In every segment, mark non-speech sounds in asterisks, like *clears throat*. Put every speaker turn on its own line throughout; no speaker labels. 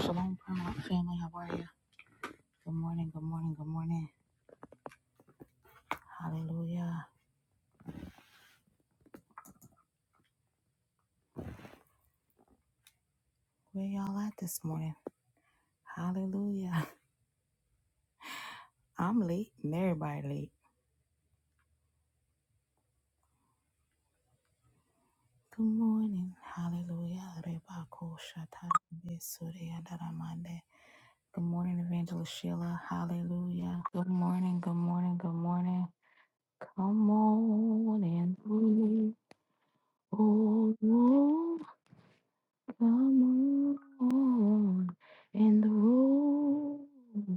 Shalom, Paramount family. How are you? Good morning, good morning, good morning. Hallelujah. Where y'all at this morning? Hallelujah. *laughs* I'm late and everybody late. Good morning. Hallelujah. Rebako shata besuri adaramande. Good morning, Evangelist Sheila. Hallelujah. Good morning, good morning, good morning. Come on and move. Oh, Lord, come on in the room.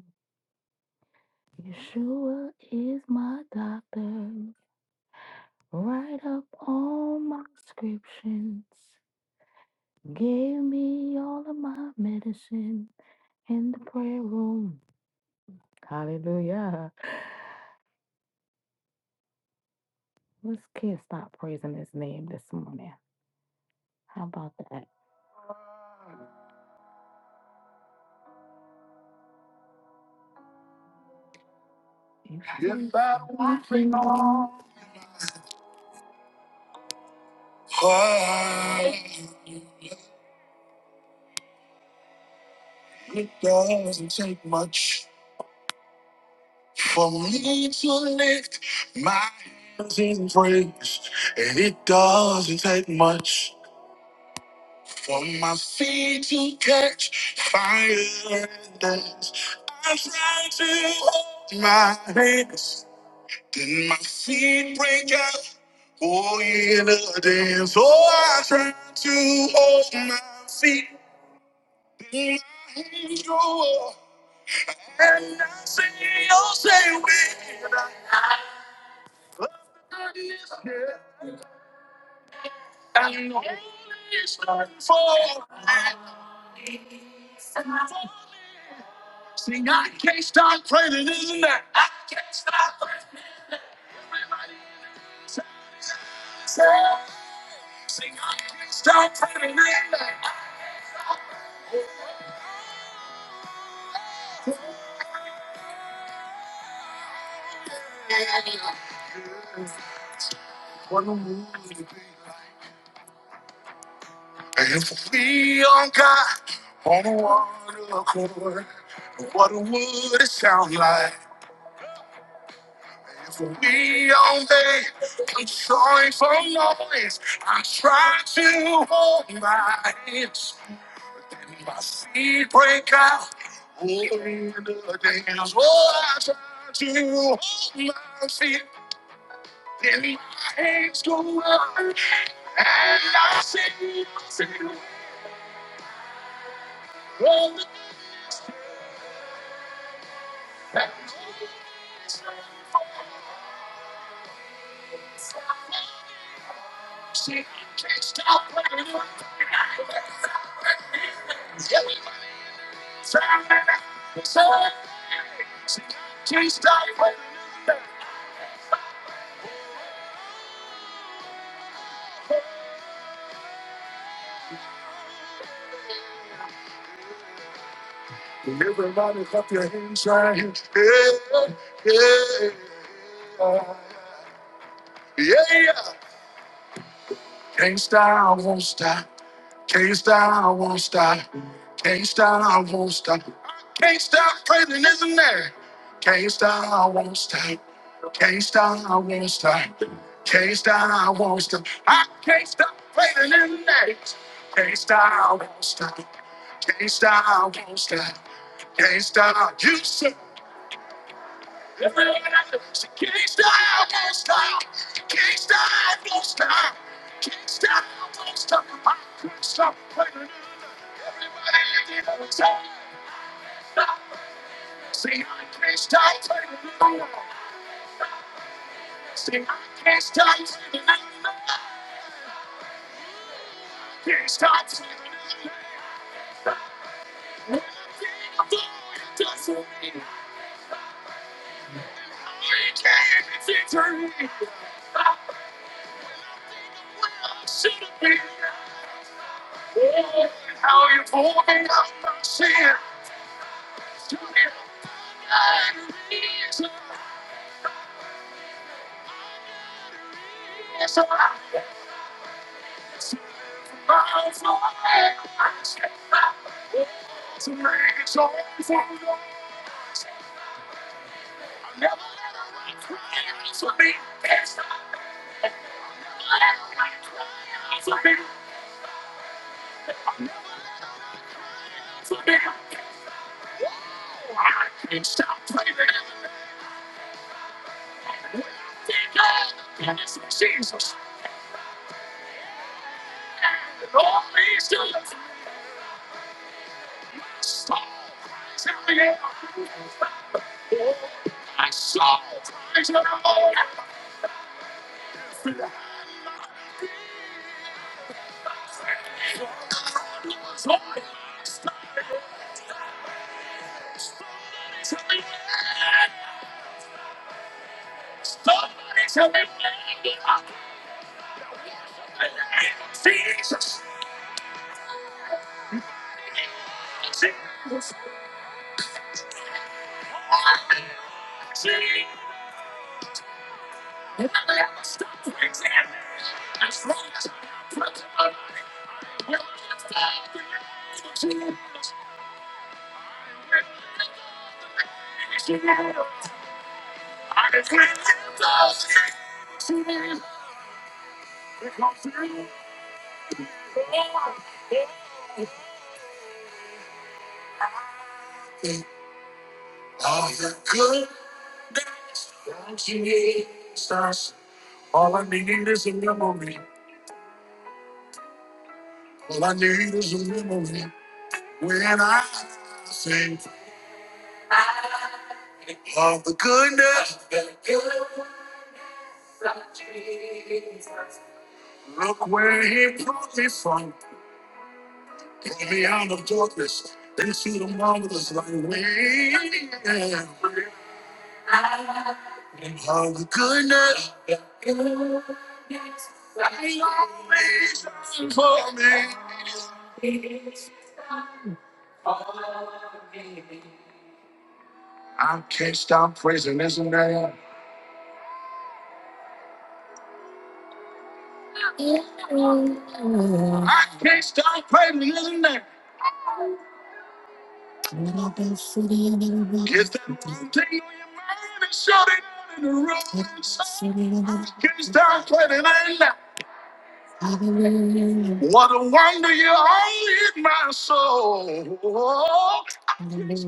Yeshua is my doctor. Write up all my prescriptions. Gave me all of my medicine in the prayer room. Hallelujah. Let's kids stop praising his name this morning. How about that?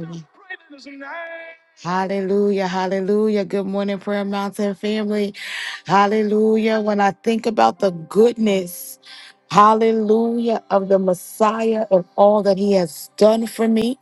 Hallelujah. Hallelujah, hallelujah. Good morning, Prayer Mountain family. Hallelujah. When I think about the goodness, hallelujah, of the Messiah and all that he has done for me,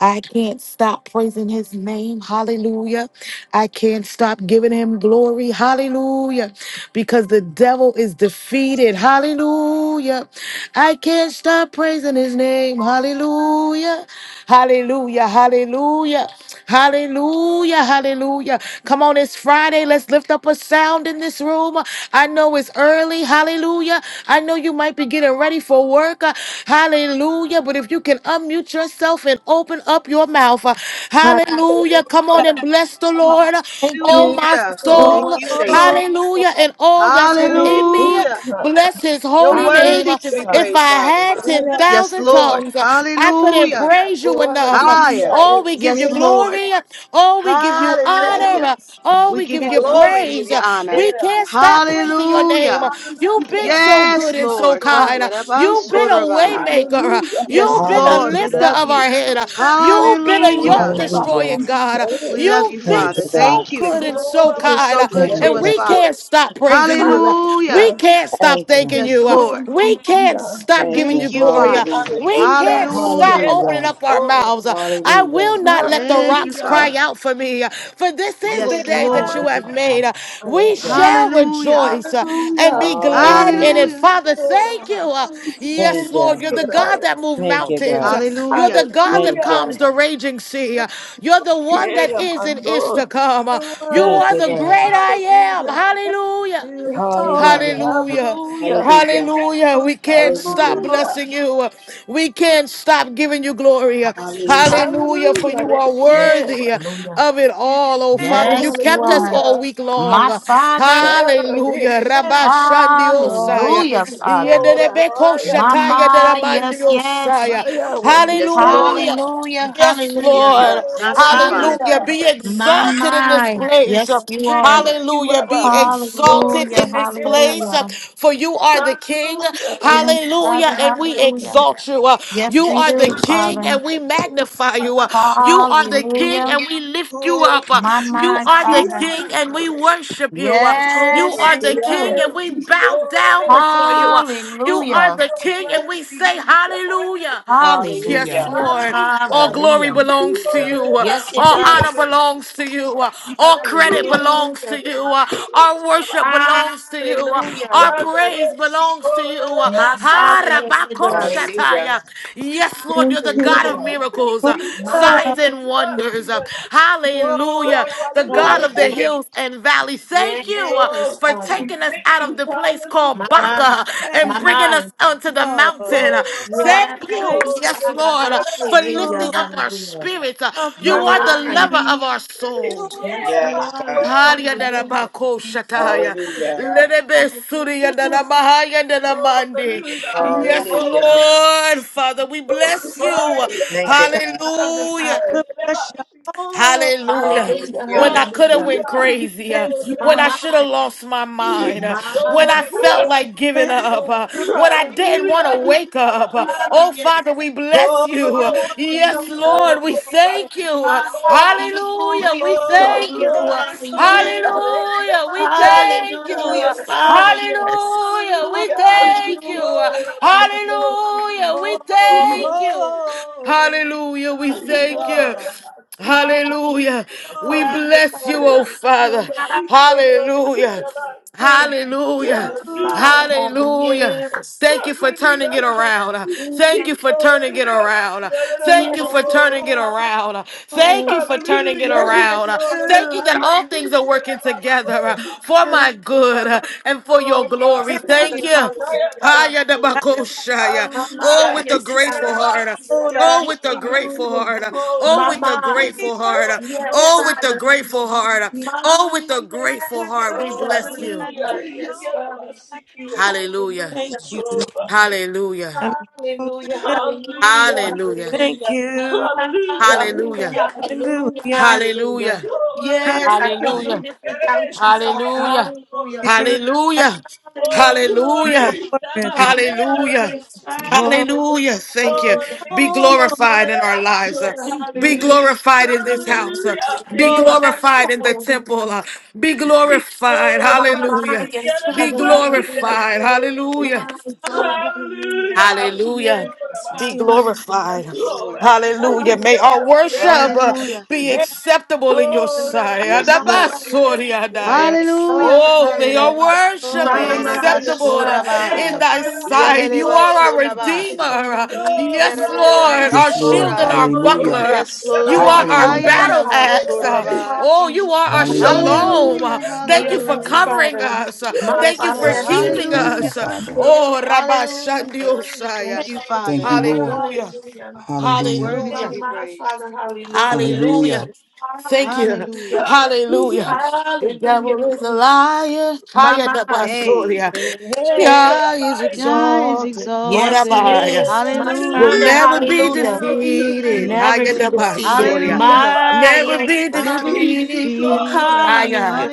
I can't stop praising his name. Hallelujah. I can't stop giving him glory. Hallelujah. Because the devil is defeated. Hallelujah. I can't stop praising his name. Hallelujah. Hallelujah. Hallelujah. Hallelujah, hallelujah. Come on, it's Friday. Let's lift up a sound in this room. I know it's early. Hallelujah. I know you might be getting ready for work. Uh, Hallelujah. But if you can unmute yourself and open up your mouth. uh,
Hallelujah.
Hallelujah. Come
Hallelujah.
on and bless the Lord.
Thank
Oh,
you,
my
Hallelujah.
Oh,
Thank
soul.
Lord.
you,
hallelujah.
Savior.
Hallelujah. And all that's
Thank
Lord,
within
yes,
me.
Hallelujah.
God.
Bless his
You're
holy name.
worthy to be
Hallelujah.
If
praised,
I
Father.
had
Yes,
Yes,
10,000
Lord.
Lord.
tongues, I couldn't
Hallelujah.
praise you
Oh,
enough yourself.
hallelujah.
Higher.
Oh, we give you
Yes,
Receive us.
Lord.
glory. Oh, we give you
Hallelujah.
honor.
Hallelujah.
Oh,
We
we
give
give
you
you
Yes,
glory.
Lord.
We give
praise.
you honor.
We can't stop praising your name.
Hallelujah.
You've been
Hallelujah.
so
Yes,
good and
Yes,
so
Lord. Ha,
Lord.
kind. You've been a way
yarabansorabai.
maker.
Hallelujah.
Yes,
You've been
Receive,
a
Lord. We
Hallelujah.
lifter
love
of
you.
our
you.
head. You've been a
Lord,
Hallelujah.
yoke
of us.
Hallelujah.
destroying God.
Thank
We
you.
Yes.
love you,
You've
Thank
been
Father.
you, God.
so
Thank you.
good and
for
Oh,
so
of
You've been
us.
kind.
so
Yes.
good
Thank
to
And
us,
you.
we
Father.
can't stop praising you.
Hallelujah.
We
Hallelujah.
can't stop
Thank you.
thanking
Yes,
you.
Oh,
Lord.
We
the
can't
hallelujah.
stop stop
Thank
giving
you.
you
Thank you,
glory. Uh,
Father.
Hallelujah.
We
Hallelujah.
can't stop
Hallelujah.
Receive
opening
Hallelujah.
us.
up our
Lord.
mouths. Uh, I
Hallelujah.
will not let the
Thank you,
rocks cry
Hallelujah.
Father.
out for me, uh, for this is
Oh
the
Yes,
day
God.
that you
Lord.
have made.
Hallelujah.
Uh, We
Hallelujah.
Yes.
shall
Hallelujah.
rejoice uh, and
Hallelujah.
be glad in it.
Hallelujah.
glory
Hallelujah.
Father,
Oh,
thank you.
Rama,
Uh, Yes,
Thank
Sitire,
Lord,
you.
you're the God that moved
Thank you,
mountains.
God.
Uh, You're
Hallelujah.
the God that
Thank
Hallelujah.
you.
calms the raging sea. Uh, You're the one
Here,
that is
my
and is to
Lord.
of
come. Uh,
this
You
Thank
are
world.
you,
the
God.
great I am.
Hallelujah.
Thank you,
Hallelujah.
Thank you, Father.
Hallelujah.
Hallelujah.
Hallelujah.
Hallelujah.
Hallelujah. We
Lord.
can't stop
Hallelujah.
Hallelujah.
blessing you. We can't stop giving you glory.
Hallelujah.
Hallelujah. For
Hallelujah.
you are
Yes,
Resheva.
worthy
hallelujah.
of it
You
all, oh
thank
Oh,
Father. You
Yes, you
kept us
are.
all
hallelujah.
week long.
My Father,
us for
Father,
Hallelujah.
Resh.
that.
Rabba Shandi Osaya.
hallelujah,
Hallelujah.
Father.
Oh,
Yederebeko
Ramaya.
Shataya
Mama,
Hallelujah.
Deramandi
yes, yes.
My
Osaya.
Yahweh.
Yes,
Oh,
Lord.
Rabba.
Hallelujah.
Hallelujah,
Yes,
We love
hallelujah.
Lord.
Oh,
My
Thank you,
Father,
you.
Father.
Hallelujah.
hallelujah.
Be
my
exalted in this
mind.
place.
Yes, you
Thank,
are.
Hallelujah.
Ikilaba,
Be
Lord,
exalted
Hallelujah,
in
thank, thank
this
Ikilaba.
place.
hallelujah.
For you are the King.
Hallelujah.
Yes, Father,
Hallelujah. And we
hallelujah.
exalt you.
Yes,
You
we
are the
do,
King
Father.
and we magnify you. You are the King
Hallelujah,
and we lift you
Lord,
up.
my
You
mind,
are the
Father.
King and
Ikilaba.
we worship you.
Oh,
You
Yes,
God,
are the
we do.
King
Yahweh,
and we bow
Lord,
down before
Ikilaba.
you. You are
Hallelujah.
the King and we
Worthy,
say
Ikilaba.
hallelujah.
Hallelujah.
Yes,
Hallelujah.
Hallelujah.
Lord.
Hallelujah.
All glory
Hallelujah.
belongs to
Lord,
you.
Yes, it
All honor
does.
Ikilaba.
belongs to you. All credit
Hallelujah.
belongs to
Hallelujah.
you. Our worship belongs to you. Our
Hallelujah.
praise belongs to
Father,
you.
My
Ha,
Father, yes, it
rabako,
Ikilaba.
does.
shataya.
Hallelujah.
Yes, Lord, you're the
you
God
Oh,
of
Hallelujah.
thank
miracles,
for
you,
My
Yahweh.
love.
signs
You
mind,
and wonders. Uh,
yes.
You're
Hallelujah.
Oh,
The
Father,
wonderful.
God
hallelujah.
of the
hallelujah.
Hallelujah.
hills and valleys. Thank you uh,
Yes,
Oh,
for
we
Father.
taking us
thank
out
you.
of the place
My
called
Hallelujah.
mind,
Baca and
my
Thank you,
bringing us
mind.
onto the mountain.
Lord.
Uh,
Oh,
Thank
God.
you,
Thank
Oh,
Yes,
yes.
yes,
Father,
Lord,
Yes,
uh, for
yes.
hallelujah,
you,
lifting up our
hallelujah.
spirits. Uh,
a
You
My
perfect
are
Oh,
the
yes.
mind,
lover of
King.
our
You
soul.
are
Yes,
yes,
wonderful.
you
yes.
Yes,
are.
God.
Oh,
Hallelujah,
Hallelujah,
Darabako Shataya.
Hallelujah.
hallelujah.
hallelujah,
Lerebe
hallelujah.
Surya Daramahaya
Oh,
Daramandi.
Hallelujah.
hallelujah.
Yes,
Hallelujah.
Lord, Father, we
Oh,
bless you.
glory. Yes. Oh, yes.
Thank you,
Hallelujah,
God.
Father,
Hallelujah.
We
Father.
bless your holy.
Hallelujah.
Hallelujah,
Hallelujah.
When I could have
hallelujah.
went crazy, uh,
Thank you.
My
when I
Oh,
should have
mind,
lost my
Hallelujah.
yes.
mind, uh, when
Oh,
I
mind. Woo!
felt
yes.
like giving
Thank
Right
up,
there.
uh,
you.
when I didn't
Hallelujah.
want to wake up. uh, oh,
Hallelujah.
Father, we bless
Oh,
you.
you're
Uh,
Oh, thank
Yes,
you.
Hallelujah.
wonderful.
Lord, we
Father.
thank you. Uh,
Give us
Hallelujah.
hallelujah,
glory.
we
Oh,
Oh,
thank you.
you're
Uh,
glorious to you, Father.
hallelujah, we
Diamante,
thank you.
Hallelujah.
Uh,
Father, yes. Hallelujah.
Shaddai.
wonderful.
Father, yes.
hallelujah, we
Hallelujah.
thank you. Uh,
Hallelujah.
Oh, Rabbi,
Hallelujah.
oh,
Father.
hallelujah,
Oh,
we
Rabbi.
Yes.
thank you.
holy
Hallelujah, we
Thank
you
you, God.
thank
Oh,
you.
are.
Rabbi. Hallelujah.
Hallelujah.
Hallelujah. We
Oh,
Father,
bless you,
Father.
oh
you're
Father.
My,
great.
yes,
Hallelujah.
Father.
Thank you, Lord. Rabbi.
Thank
Hallelujah.
My
Hallelujah.
you.
Father,
Hallelujah.
yes.
Thank you for
Hallelujah.
turning
Hallelujah. Oh,
it
Thank
around. Uh,
Mm,
Thank
my
you for
Father.
turning it around. Uh, Thank you for
Yes,
Hallelujah.
my
turning it
oh,
around. Uh,
Father.
Oh,
Thank
oh,
you for turning
hallelujah.
it
thank
Yes,
around. Uh,
my
Thank
you.
you that all things are working together uh, for my good
Father.
uh, and for your
Yes,
glory.
Father.
Thank you.
Hallelujah.
Haya da
Thank
Hallelujah.
bakoshaya. Oh,
Mama,
with a
yes,
grateful
Father.
heart. Oh, with a
you.
grateful
Hallelujah.
heart. Oh, with a
Mama,
We
grateful
worship
heart.
yes,
you,
Oh, with a
Father.
grateful
Holy.
heart. Oh,
My,
with a grateful
There's
yes,
heart. We
no
Father.
one
bless you.
like,
Yes,
no one
Father.
like you.
Hallelujah.
Hallelujah.
Thank you.
Oh, Father.
Hallelujah.
Hallelujah,
Hallelujah.
hallelujah,
Hallelujah.
Hallelujah.
Thank
hallelujah.
you.
Hallelujah,
Hallelujah.
Hallelujah.
hallelujah,
Hallelujah.
hallelujah.
Hallelujah.
Oh,
Hallelujah.
Yes, I
hallelujah.
couldn't do
Hallelujah.
Hallelujah.
this without you, Father.
Hallelujah.
Oh,
Hallelujah.
Rabba.
Hallelujah.
Oh,
Hallelujah.
You're
Hallelujah.
glory. Rabba,
My
worthy.
mind
Hallelujah.
is
hallelujah.
fine.
Oh,
Hallelujah,
Hallelujah. Thank you.
Oh,
hallelujah.
Be
hallelujah. Hallelujah.
glorified in our
Yes,
Hallelujah.
lives. uh.
Oh,
Father,
thank
Be
you.
hallelujah,
Rabba, hallelujah.
glorified in this
hallelujah.
house. uh. Be
Glory.
Hallelujah.
Yes,
glorified in the
Father.
temple. uh. Be glorified.
Oh,
My
Hallelujah.
mind is
Be
Father, hallelujah.
glorified.
My
Hallelujah.
God,
honor,
hallelujah.
Hallelujah.
Yes,
Be
Father,
Hallelujah.
hallelujah.
glorified.
Yes, Lord.
Hallelujah. May our
Hallelujah,
worship
hallelujah.
uh,
Hallelujah.
and
be
Hallelujah.
Rabba.
acceptable in your
Oh,
sight.
hallelujah.
Yes,
My
Lord.
Oh,
mind, yes, hallelujah.
Rabba.
Thank
Adabasoriadaya.
Hallelujah.
Oh, may
Hallelujah.
our
Hallelujah.
worship be
My
you.
Eleleba
mind, yes,
acceptable uh,
Father.
Thank
in
soraba.
thy sight. You
Hallelujah,
Yeleleba
are our
soraba.
redeemer.
hallelujah,
Uh,
Father.
Yes,
Yes,
Ikiararaya
Lord, our
Yes,
you.
Lord.
shield and
Mansorai.
our
Lord.
hallelujah.
Hallelujah.
buckler.
Yes,
You
My
are
Lord.
our
mind, yes,
Hallelujah.
Hayana
battle
Father.
axe. Uh,
Mansorabai.
Oh, you are
Hallelujah,
our
Hallelujah.
hallelujah.
shalom. Uh,
Hallelujah,
Thank you for
Yes,
hallelujah.
covering
Father.
us. Uh,
My
Thank
Yes,
you
Father,
for
Lord.
Yes,
that's it.
Lord.
keeping
Thank you,
Yeah.
Hallelujah,
us.
Father.
Yes.
Oh,
hallelujah.
Rabashandiosaya.
Thank
Thank
Hallelujah.
you,
Thank
Father.
you.
you, Lord.
Hallelujah.
Hallelujah.
You're
Hallelujah.
worthy to
My,
Hallelujah.
be
my
praised.
Father, hallelujah.
Hallelujah.
Hallelujah.
Thank you.
Hallelujah.
Hallelujah.
Hallelujah. The devil
Hallelujah.
is a liar. Higher
My
the
mind.
Hey.
Basoria.
Hey, hey,
Yah is
Yah is
Hallelujah.
exalted. Oh,
Yes, he
exalted.
Orabaya.
is.
Oh,
My
Hallelujah.
Will
father,
never
hallelujah.
be
hallelujah.
Never be
defeated.
Never
Higher
be
the
defeated.
defeated.
Basoria.
Hallelujah.
My
Never
yes,
be
never
father.
be
defeated.
defeated.
My
Hallelujah.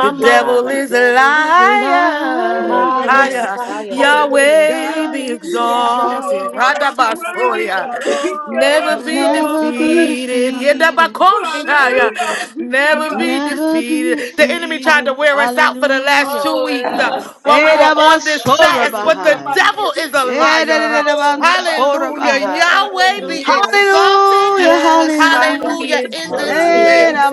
the devil
The
mind.
is a
devil is a
liar.
My
liar.
yes,
Higher,
father,
Liar.
hey.
hallelujah.
Yahweh be
God is a
Yes,
exalted.
child.
yes, Father,
Radabasoria,
hallelujah.
Glory,
never be
Yes,
Never
glory
be
defeated.
defeated.
Yedabakoshaya,
forever.
never be
Never be
defeated. The enemy tried to
defeated.
Father.
wear us out for the last
Hallelujah.
two weeks uh, while we were on this fast, but the
Edabasorabahai.
devil is a liar. Hallelujah.
You
Edabasorabahai.
Yahweh be
Oh,
Hallelujah.
exalted.
Hallelujah.
Yes,
Oh,
Father,
Hallelujah.
be
Hallelujah in this
exalted.
Hallelujah.
place.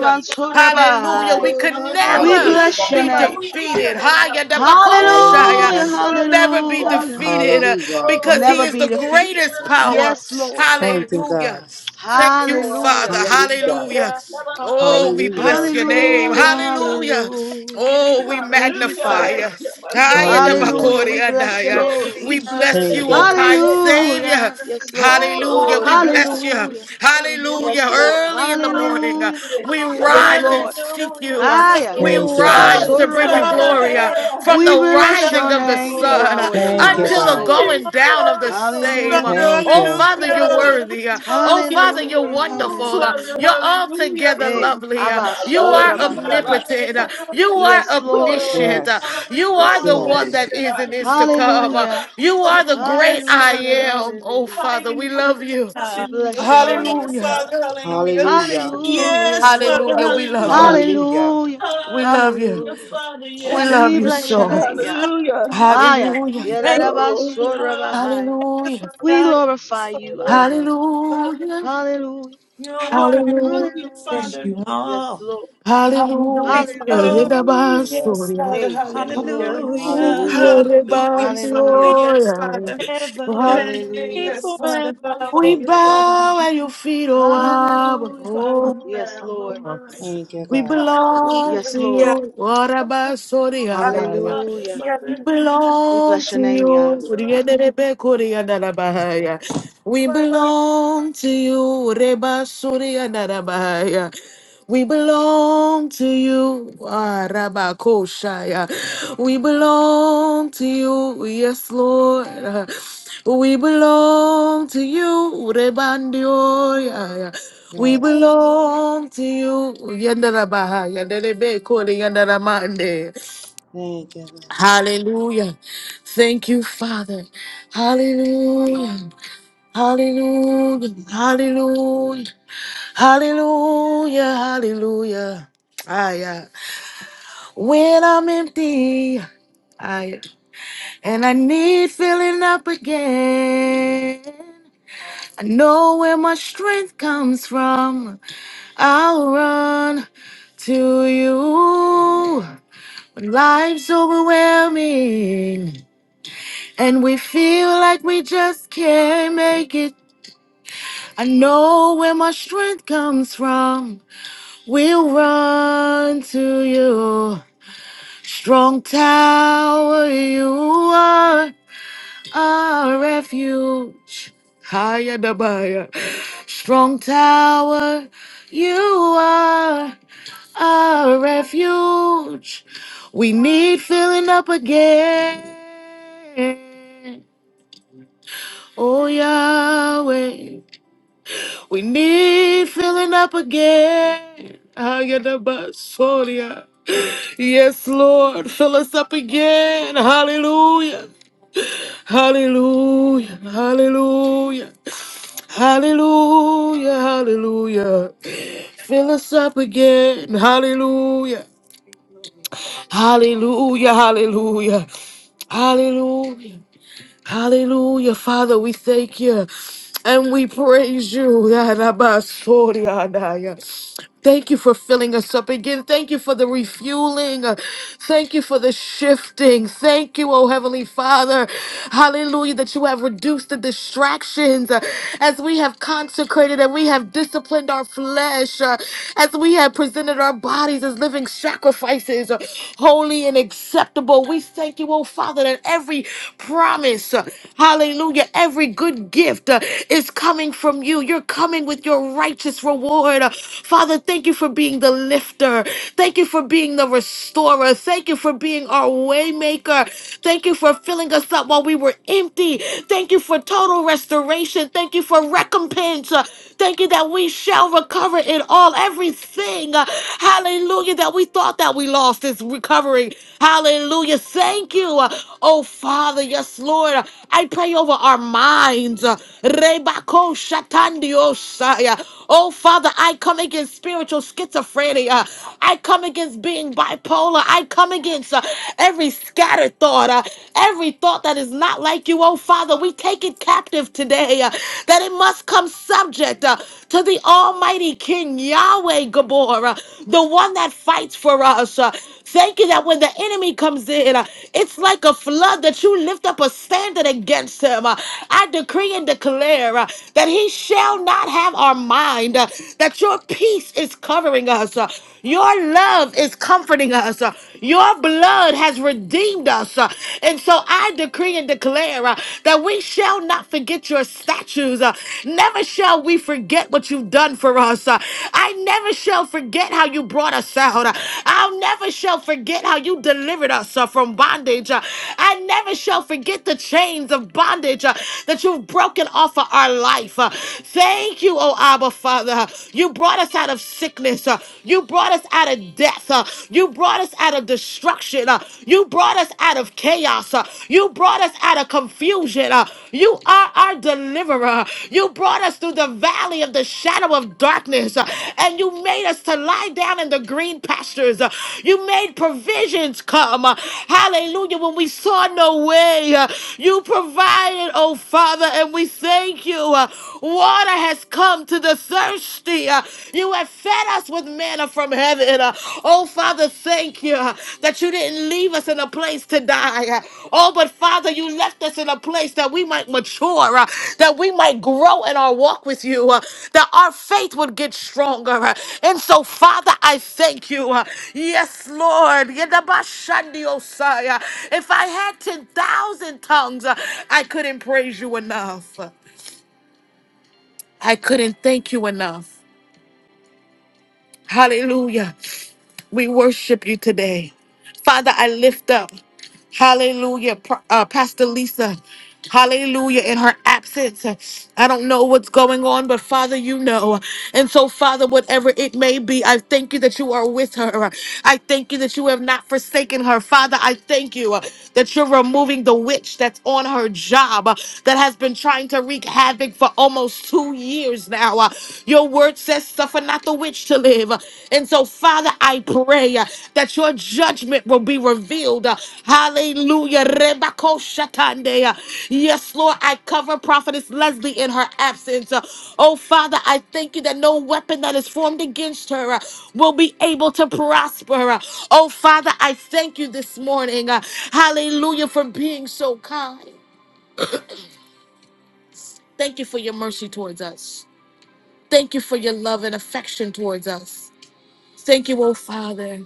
Hallelujah.
Hallelujah.
We could
We
never
Hallelujah.
Hallelujah.
bless your
be
name.
Hallelujah. Hallelujah.
defeated. Haya da bakoshaya.
Hallelujah,
Hallelujah.
Never be
I'll
hallelujah.
be
defeated uh,
Hallelujah.
because he
Never
is the
be defeated.
greatest power.
Yes, Lord.
Thank you,
Hallelujah.
God.
Thank you,
Hallelujah,
Father.
Hallelujah.
Hallelujah.
hallelujah. I'll praise
Oh, we
you,
bless
Hallelujah.
your
praise
name.
hallelujah,
Hallelujah.
hallelujah.
you,
Oh, we
Thank you,
magnify
better
Father.
you. Aya da
Hallelujah.
Hallelujah.
bakori
than
We bless your
andaya.
Oh,
name.
We
six
enough.
bless
Thank
you,
yards,
oh
you.
kind Savior.
Hallelujah. Yes, Lord.
Hallelujah.
Oh,
We
Hallelujah.
bless you.
Hallelujah. Yes,
Hallelujah.
Hallelujah.
you're
Lord.
Early in the
not
morning, uh,
Hallelujah.
we
of
Yes,
rise and
Lord.
seek
Hallelujah,
you. Uh,
Higher.
We
Father,
Thank you, God.
rise to
Father,
Abasura
bring you
Father.
glory.
Bahai.
uh,
the
oh,
From
We
the
Yes,
bless
rising
your
of the
name,
hallelujah,
Oh
sun uh,
Yahweh.
You're
Father.
Thank you,
Yes,
until the
wonderful,
God.
Lord.
going down of the
Yes,
holy.
same.
Father,
Uh,
Hallelujah.
Thank
Oh,
you.
Father, you're
hallelujah.
We
worthy. Uh, Oh,
call
Yes,
you
Father, you're
Hallelujah,
holy.
wonderful. Uh,
Father,
hallelujah.
You're
hallelujah,
altogether
Hey,
Father,
lovely. Uh,
Abba
my
You are
Father,
Sora
Yahweh,
Father,
Bahai.
us.
yes,
omnipotent. Uh, You
Father.
are
Yes, Lord.
Oh,
You're
omniscient. Uh,
wonderful.
Yes.
You
Yes,
are the
Yes,
Lord.
one
Yes.
that
Father,
is and is to
wonderful.
come. Uh,
Hallelujah.
You
God,
are the great
yes,
I
Hallelujah,
Father.
am. Oh,
hallelujah.
Thank
Father, we
you.
love
Hallelujah,
you.
We
God.
hallelujah.
bless your name,
Father,
Yah.
Hallelujah.
Father, hallelujah.
Hallelujah.
Thank you.
Yes,
Hallelujah.
Father,
Hallelujah. We love
hallelujah.
hallelujah.
you.
Hallelujah.
Hallelujah.
We love you.
Hallelujah,
Hallelujah.
Father,
We
yes,
love
We
you
Father,
bless your
so.
Hallelujah.
name,
hallelujah.
Yah.
Hallelujah.
Aya.
Hallelujah.
Thank
Hallelujah,
Yadadaba
Oh.
Sora Bahai.
hallelujah,
Hallelujah.
you.
Father,
We
God.
yes,
glorify you,
Father.
Abba.
Hallelujah.
Hallelujah,
Hallelujah.
You're worthy.
hallelujah,
Hallelujah.
Hallelujah.
Yes,
Father.
you
Yes,
are.
Lord.
Hallelujah,
Hallelujah.
Father.
Hallelujah.
Victor,
Hallelujah.
Yes,
Yedabasoria.
Father,
Hey, yes,
hallelujah.
Lord.
hallelujah.
Hallelujah.
Hallelujah.
Hallelujah, Father,
Hallelujah.
yes,
Rebansoria.
Father.
Forever, you
Yeah, yeah,
reign
Hallelujah.
Hallelujah.
yes,
forever.
Father.
We
Hallelujah,
Thank
Oh,
you, God.
Father.
bow at your feet, O
We
Abba.
do,
Hallelujah.
Father,
Oh.
we
Yes,
bow. Oh,
Lord.
yeah.
my.
Thank you,
We
God.
belong
Hallelujah.
Yes,
to
Lord.
hallelujah.
you. What about Soria?
Father,
Hallelujah.
Hallelujah.
We
Father.
We
belong
bless your
to
name,
you.
Yah.
Hallelujah, Father.
Riederebe kuriandarabahaya. We
Glory,
belong to you. Reba suriandarabahaya. We belong to you, Arabakoshaya. We belong to you, yes, Lord. We belong to you, Rebandioya. We
Yes.
belong to you, Yandarabahaya, Yandarebe Kori, Yandaramande.
Thank you, God.
Hallelujah. Thank you, Father. Hallelujah. Hallelujah. Hallelujah. Hallelujah. Hallelujah. Ah, yeah. When I'm empty, I and I need filling up again. I know where my strength comes from. I'll run to you. When life's overwhelming. And we feel like we just can't make it. I know where my strength comes from. We'll run to you. Strong tower, you are our refuge. Higher the buyer. Strong tower, you are our refuge. We need filling up again. Oh Yahweh, we need filling up again. Ayanabasoria. Yes, Lord, fill us up again. Hallelujah. Hallelujah. Hallelujah. Hallelujah. Hallelujah. Fill us up again. Hallelujah.
glory, glory.
Hallelujah. Hallelujah. Hallelujah. Hallelujah, Father, we thank you and we praise you. Yadabasoriadaya. Thank you for filling us up again. Thank you for the refueling. Thank you for the shifting. Thank you, oh Heavenly Father. Hallelujah, that you have reduced the distractions uh, as we have consecrated and we have disciplined our flesh, uh, as we have presented our bodies as living sacrifices, uh, holy holy and acceptable. We thank you, oh Father, that every promise, uh, hallelujah, every good gift uh, is coming from you. You're coming with your righteous reward. Uh, Father, thank you for being the lifter. Thank you for being the restorer. Thank you for being our waymaker. Thank you for filling us up while we were empty. Thank you for total restoration. Thank you for recompense. Uh, Thank you that we shall recover it all. Everything everything, uh, hallelujah, that we thought that we lost is recovering. Hallelujah. Thank you, uh, oh Father. Yes, Lord. Uh, I pray over our minds. uh, Rebako shatandiosaya. Oh Father, I come against spiritual schizophrenia. I come against being bipolar. I come against uh, every scattered thought, uh, every thought that is not like you. Oh Father, we take it captive today. uh, That it must come subject uh, to the Almighty King Yahweh Gabor, uh, the one that fights for us. uh. thank you that when the enemy comes in, uh, it's like a flood that you lift up a standard against him. uh. I decree and declare uh, that he shall not have our mind, uh, that your peace is covering us, uh, your love is comforting us, uh, your blood has redeemed us. uh. and so I decree decree and declare uh, that we shall not forget your statues. uh, never shall we forget what you've done for us. uh, I never shall forget how you brought us out. uh, I'll never shall forget how you delivered us uh, from bondage. uh, I never shall forget the chains of bondage uh, that you've broken off of our life. uh, thank you, oh Abba Father. You brought us out of sickness. uh, you brought us out of death. uh, you brought us brought us out of destruction. uh, You brought us out of chaos. uh, You brought us out of confusion. uh, You are our deliverer. You brought us through the valley of the shadow of darkness. uh, And you made us to lie down in the green pastures. uh, You made provisions come. uh, Hallelujah. When we saw no way, uh, you provided, oh Father, and we thank you. uh, Water has come to the thirsty. Uh, you have fed us with manna from heaven. Uh, Oh, Father, thank you uh, that you didn't leave us in a place to die. Uh, Oh, but Father, you left us in a place that we might mature, uh, that we might grow in our walk with you, uh, that our faith would get stronger. uh, And so, Father, I thank you. uh, Yes, Lord. Yedabashandiosai, uh, If I had 10,000 tongues, uh, I couldn't praise you enough. I couldn't thank you enough. Hallelujah. We worship you today. Father, I lift up, hallelujah, Pro- uh, Pastor Lisa, hallelujah, in her absence. I don't know what's going on, but Father, you know. And so, Father, whatever it may be, I thank you that you are with her. I thank you that you have not forsaken her. Father, I thank you uh, that you're removing the witch that's on her job uh, that has been trying to wreak havoc for almost two years now. Uh, Your word says, suffer not the witch to live. And so, Father, I pray uh, that your judgment will be revealed. Uh, Hallelujah. Rebako shatande. Uh, Yes, Lord, I cover Prophetess Leslie in her absence. Uh, Oh, Father, I thank you that no weapon that is formed against her uh, will be able to prosper. Uh, Oh, Father, I thank you this morning. Uh, Hallelujah for being so kind. Thank you for your mercy towards us. Thank you for your love and affection towards us. Thank you, oh Father,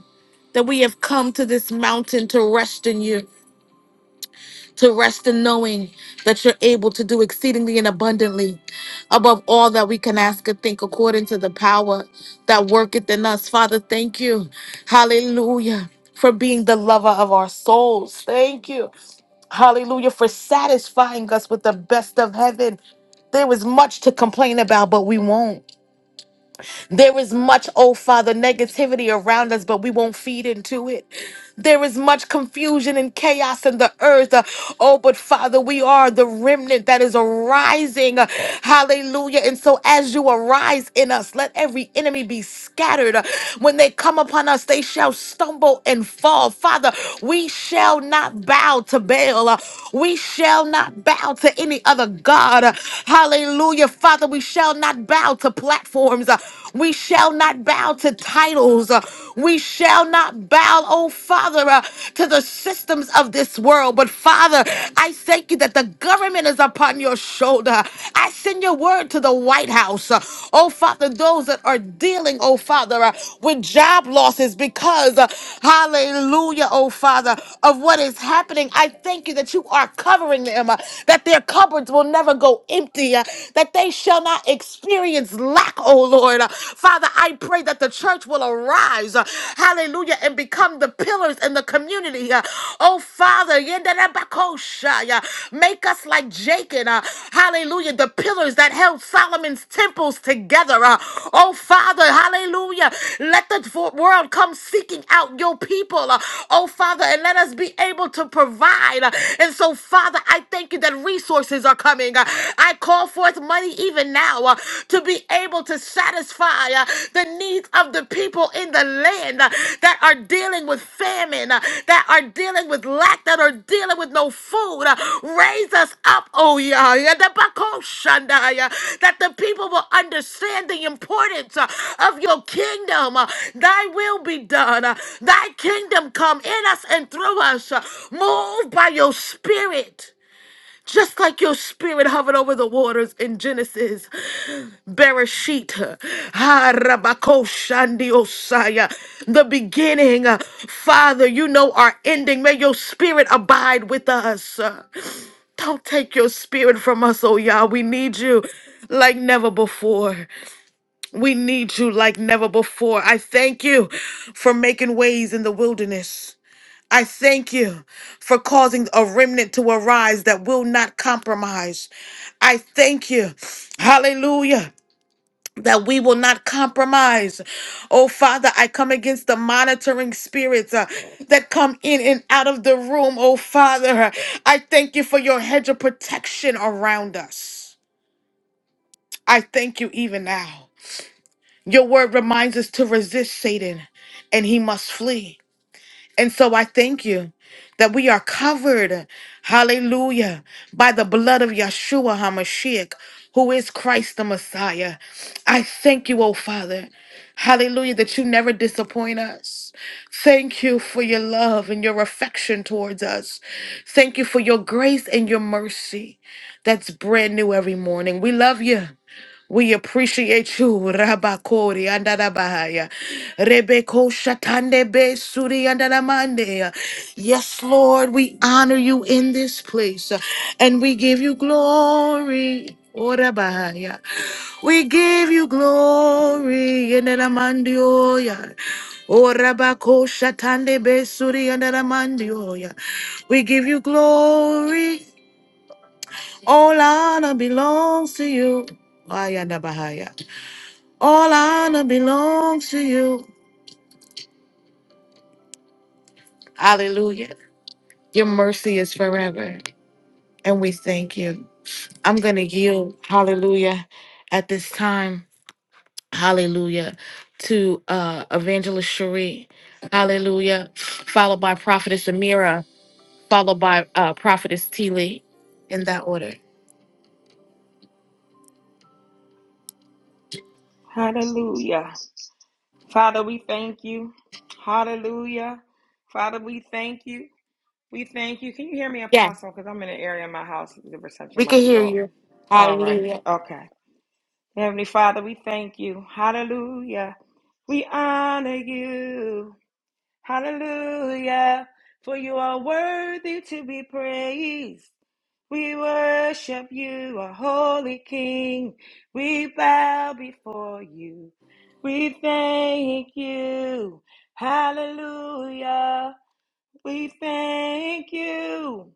that we have come to this mountain to rest in you, to rest in knowing that you're able to do exceedingly and abundantly above all that we can ask or think according to the power that worketh in us. Father, thank you. Hallelujah. For being the lover of our souls. Thank you. Hallelujah. For satisfying us with the best of heaven. There was much to complain about, but we won't. There is much, oh Father, negativity around us, but we won't feed into it. There is much confusion and chaos in the earth. Uh, Oh, but Father, we are the remnant that is arising. Uh, Hallelujah. And so as you arise in us, let every enemy be scattered. Uh, When they come upon us, they shall stumble and fall. Father, we shall not bow to Baal. Uh, We shall not bow to any other God. Uh, Hallelujah. Father, we shall not bow to platforms. Uh, we shall not bow to titles. Uh, We shall not bow, oh Father, uh, to the systems of this world. But Father, I thank you that the government is upon your shoulder. I send your word to the White House. Uh, Oh Father, those that are dealing, oh Father, uh, with job losses because, uh, hallelujah, oh Father, of what is happening. I thank you that you are covering them, uh, that their cupboards will never go empty, uh, that they shall not experience lack, oh Lord. Uh, Father, I pray that the church will arise, uh, hallelujah, and become the pillars in the community. uh, Oh Father, yenderebakoshai, uh, make us like Jacob, uh, hallelujah, the pillars that held Solomon's temples together. uh, Oh Father, hallelujah, let the vo- world come seeking out your people, uh, oh Father, and let us be able to provide. uh, And so, Father, I thank you that resources are coming uh, I call forth money even now uh, to be able to satisfy uh, the needs of the people in the land uh, that are dealing with famine, uh, that are dealing with lack, that are dealing with no food. Uh, Raise us up, oh yeah, yeah, the Bako Shandaya, that the people will understand the importance uh, of your kingdom. Uh, Thy will be done. Uh, Thy kingdom come in us and through us. Uh, Move by your spirit. Just like your spirit hovered over the waters in Genesis, Bereshit, ha, rabako, shandi, osaya, the beginning. Father, you know our ending. May your spirit abide with us. Don't take your spirit from us, oh Yah. We need you like never before. We need you like never before. I thank you for making ways in the wilderness. I thank you for causing a remnant to arise that will not compromise. I thank you. Hallelujah. That we will not compromise. Oh, Father, I come against the monitoring spirits uh, that come in and out of the room. Oh, Father, I thank you for your hedge of protection around us. I thank you even now. Your word reminds us to resist Satan and he must flee. And so I thank you that we are covered, hallelujah, by the blood of Yeshua HaMashiach, who is Christ the Messiah. I thank you, oh Father, hallelujah, that you never disappoint us. Thank you for your love and your affection towards us. Thank you for your grace and your mercy that's brand new every morning. We love you. We appreciate you, Rabakori and Arabahaya. Rebeko Shatande Be Suri and Aramande. Yes, Lord, we honor you in this place uh, and we give you glory. Orabahaya. We give you glory in Aramandioya. Orabako Shatande Be Suri and Aramandioya. We give you glory. All honor belongs to you. Ayanda Bahaya. All honor belongs to you. Hallelujah. Your mercy is forever. And we thank you. I'm going to yield, hallelujah, at this time, hallelujah, to uh, Evangelist Cherie, hallelujah, followed by Prophetess Amira, followed by uh, Prophetess T. Lee, in that order.
Hallelujah. Father, we thank you. Hallelujah. Father, we thank you. We thank you. Can you hear me,
Yeah,
Apostle? Because I'm in an area of my house. The reception
we can
might be
hear
off.
you.
All right.
Hallelujah.
Okay. Heavenly Father, we thank you. Hallelujah. We honor you. Hallelujah. For you are worthy to be praised. We worship you, our holy King. We bow before you. We thank you. Hallelujah. We thank you.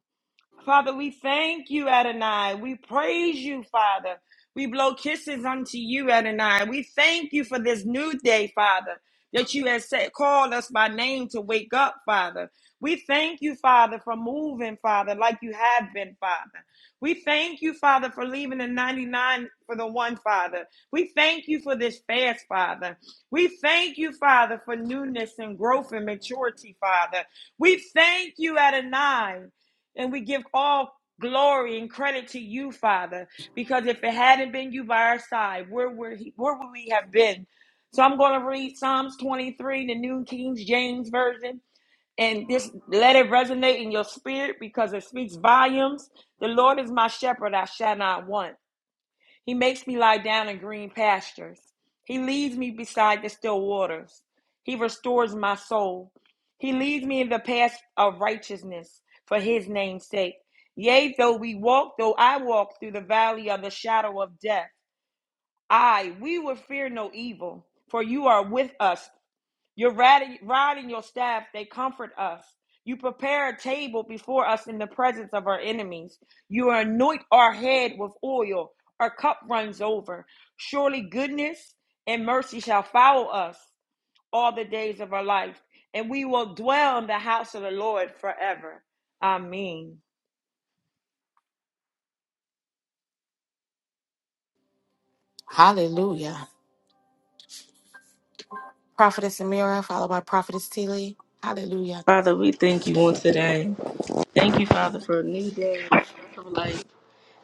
Father, we thank you, Adonai. We praise you, Father. We blow kisses unto you, Adonai. We thank you for this new day, Father, that you have said, called us by name to wake up, Father. We thank you, Father, for moving, Father, like you have been, Father. We thank you, Father, for leaving the 99 for the one, Father. We thank you for this fast, Father. We thank you, Father, for newness and growth and maturity, Father. We thank you, Adonai. And we give all glory and credit to you, Father, because if it hadn't been you by our side, where would, he, where would we have been? So I'm going to read Psalms 23, the New King James Version, and this let it resonate in your spirit because it speaks volumes. The Lord is my shepherd, I shall not want. He makes me lie down in green pastures. He leads me beside the still waters. He restores my soul. He leads me in the path of righteousness for his name's sake. Yea, though we walk, though I walk through the valley of the shadow of death, I, we will fear no evil, for you are with us. You're riding and your staff, they comfort us. You prepare a table before us in the presence of our enemies. You anoint our head with oil. Our cup runs over. Surely goodness and mercy shall follow us all the days of our life, and we will dwell in the house of the Lord forever. Amen.
Hallelujah. Prophetess Amira, followed by Prophetess T. Lee. Hallelujah.
Father, we thank you on today. Thank you, Father, for a new day. breath of life.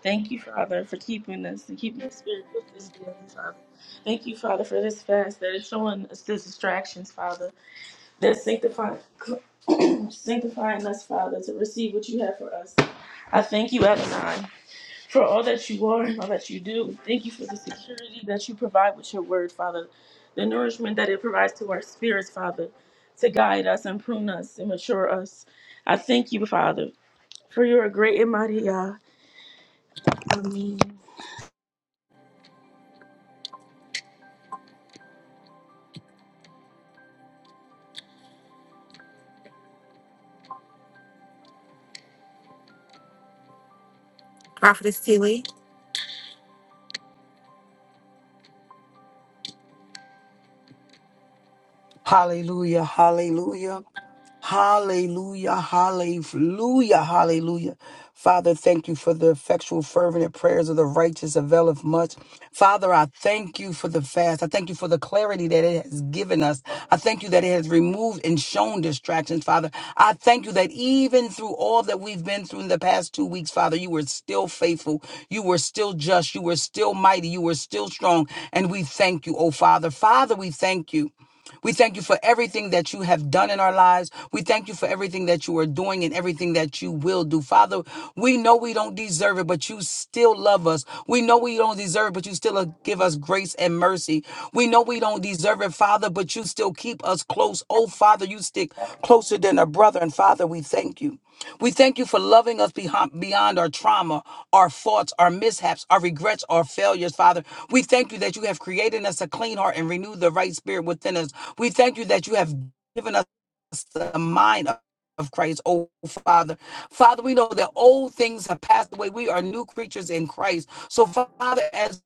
Thank you, Father, for keeping us and keeping the spirit with us daily, Father. Thank you, Father, for this fast that is showing us the distractions, Father, that's sanctifying, *clears throat* sanctifying us, Father, to receive what you have for us. I thank you, Adonai, for all that you are and all that you do. Thank you for the security that you provide with your word, Father, the nourishment that it provides to our spirits, Father, to guide us and prune us and mature us. I thank you, Father, for your great and mighty, Yah. Amen.
Hallelujah. Hallelujah. Hallelujah, hallelujah, hallelujah. Father, thank you for the effectual, fervent prayers of the righteous availeth much. Father, I thank you for the fast. I thank you for the clarity that it has given us. I thank you that it has removed and shown distractions, Father. I thank you that even through all that we've been through in the past two weeks, Father, you were still faithful. You were still just. You were still mighty. You were still strong. And we thank you, oh Father. Father, we thank you. We thank you for everything that you have done in our lives. We thank you for everything that you are doing and everything that you will do. Father, we know we don't deserve it, but you still love us. We know we don't deserve it, but you still uh, give us grace and mercy. We know we don't deserve it, Father, but you still keep us close. Oh, Father, you stick closer than a brother. And Father, we thank you. We thank you for loving us behind, beyond our trauma, our faults, our mishaps, our regrets, our failures, Father. We thank you that you have created us a clean heart and renewed the right spirit within us. We thank you that you have given us the mind of of Christ, oh Father. Father, we know that old things have passed away. We are new creatures in Christ. So, Father, as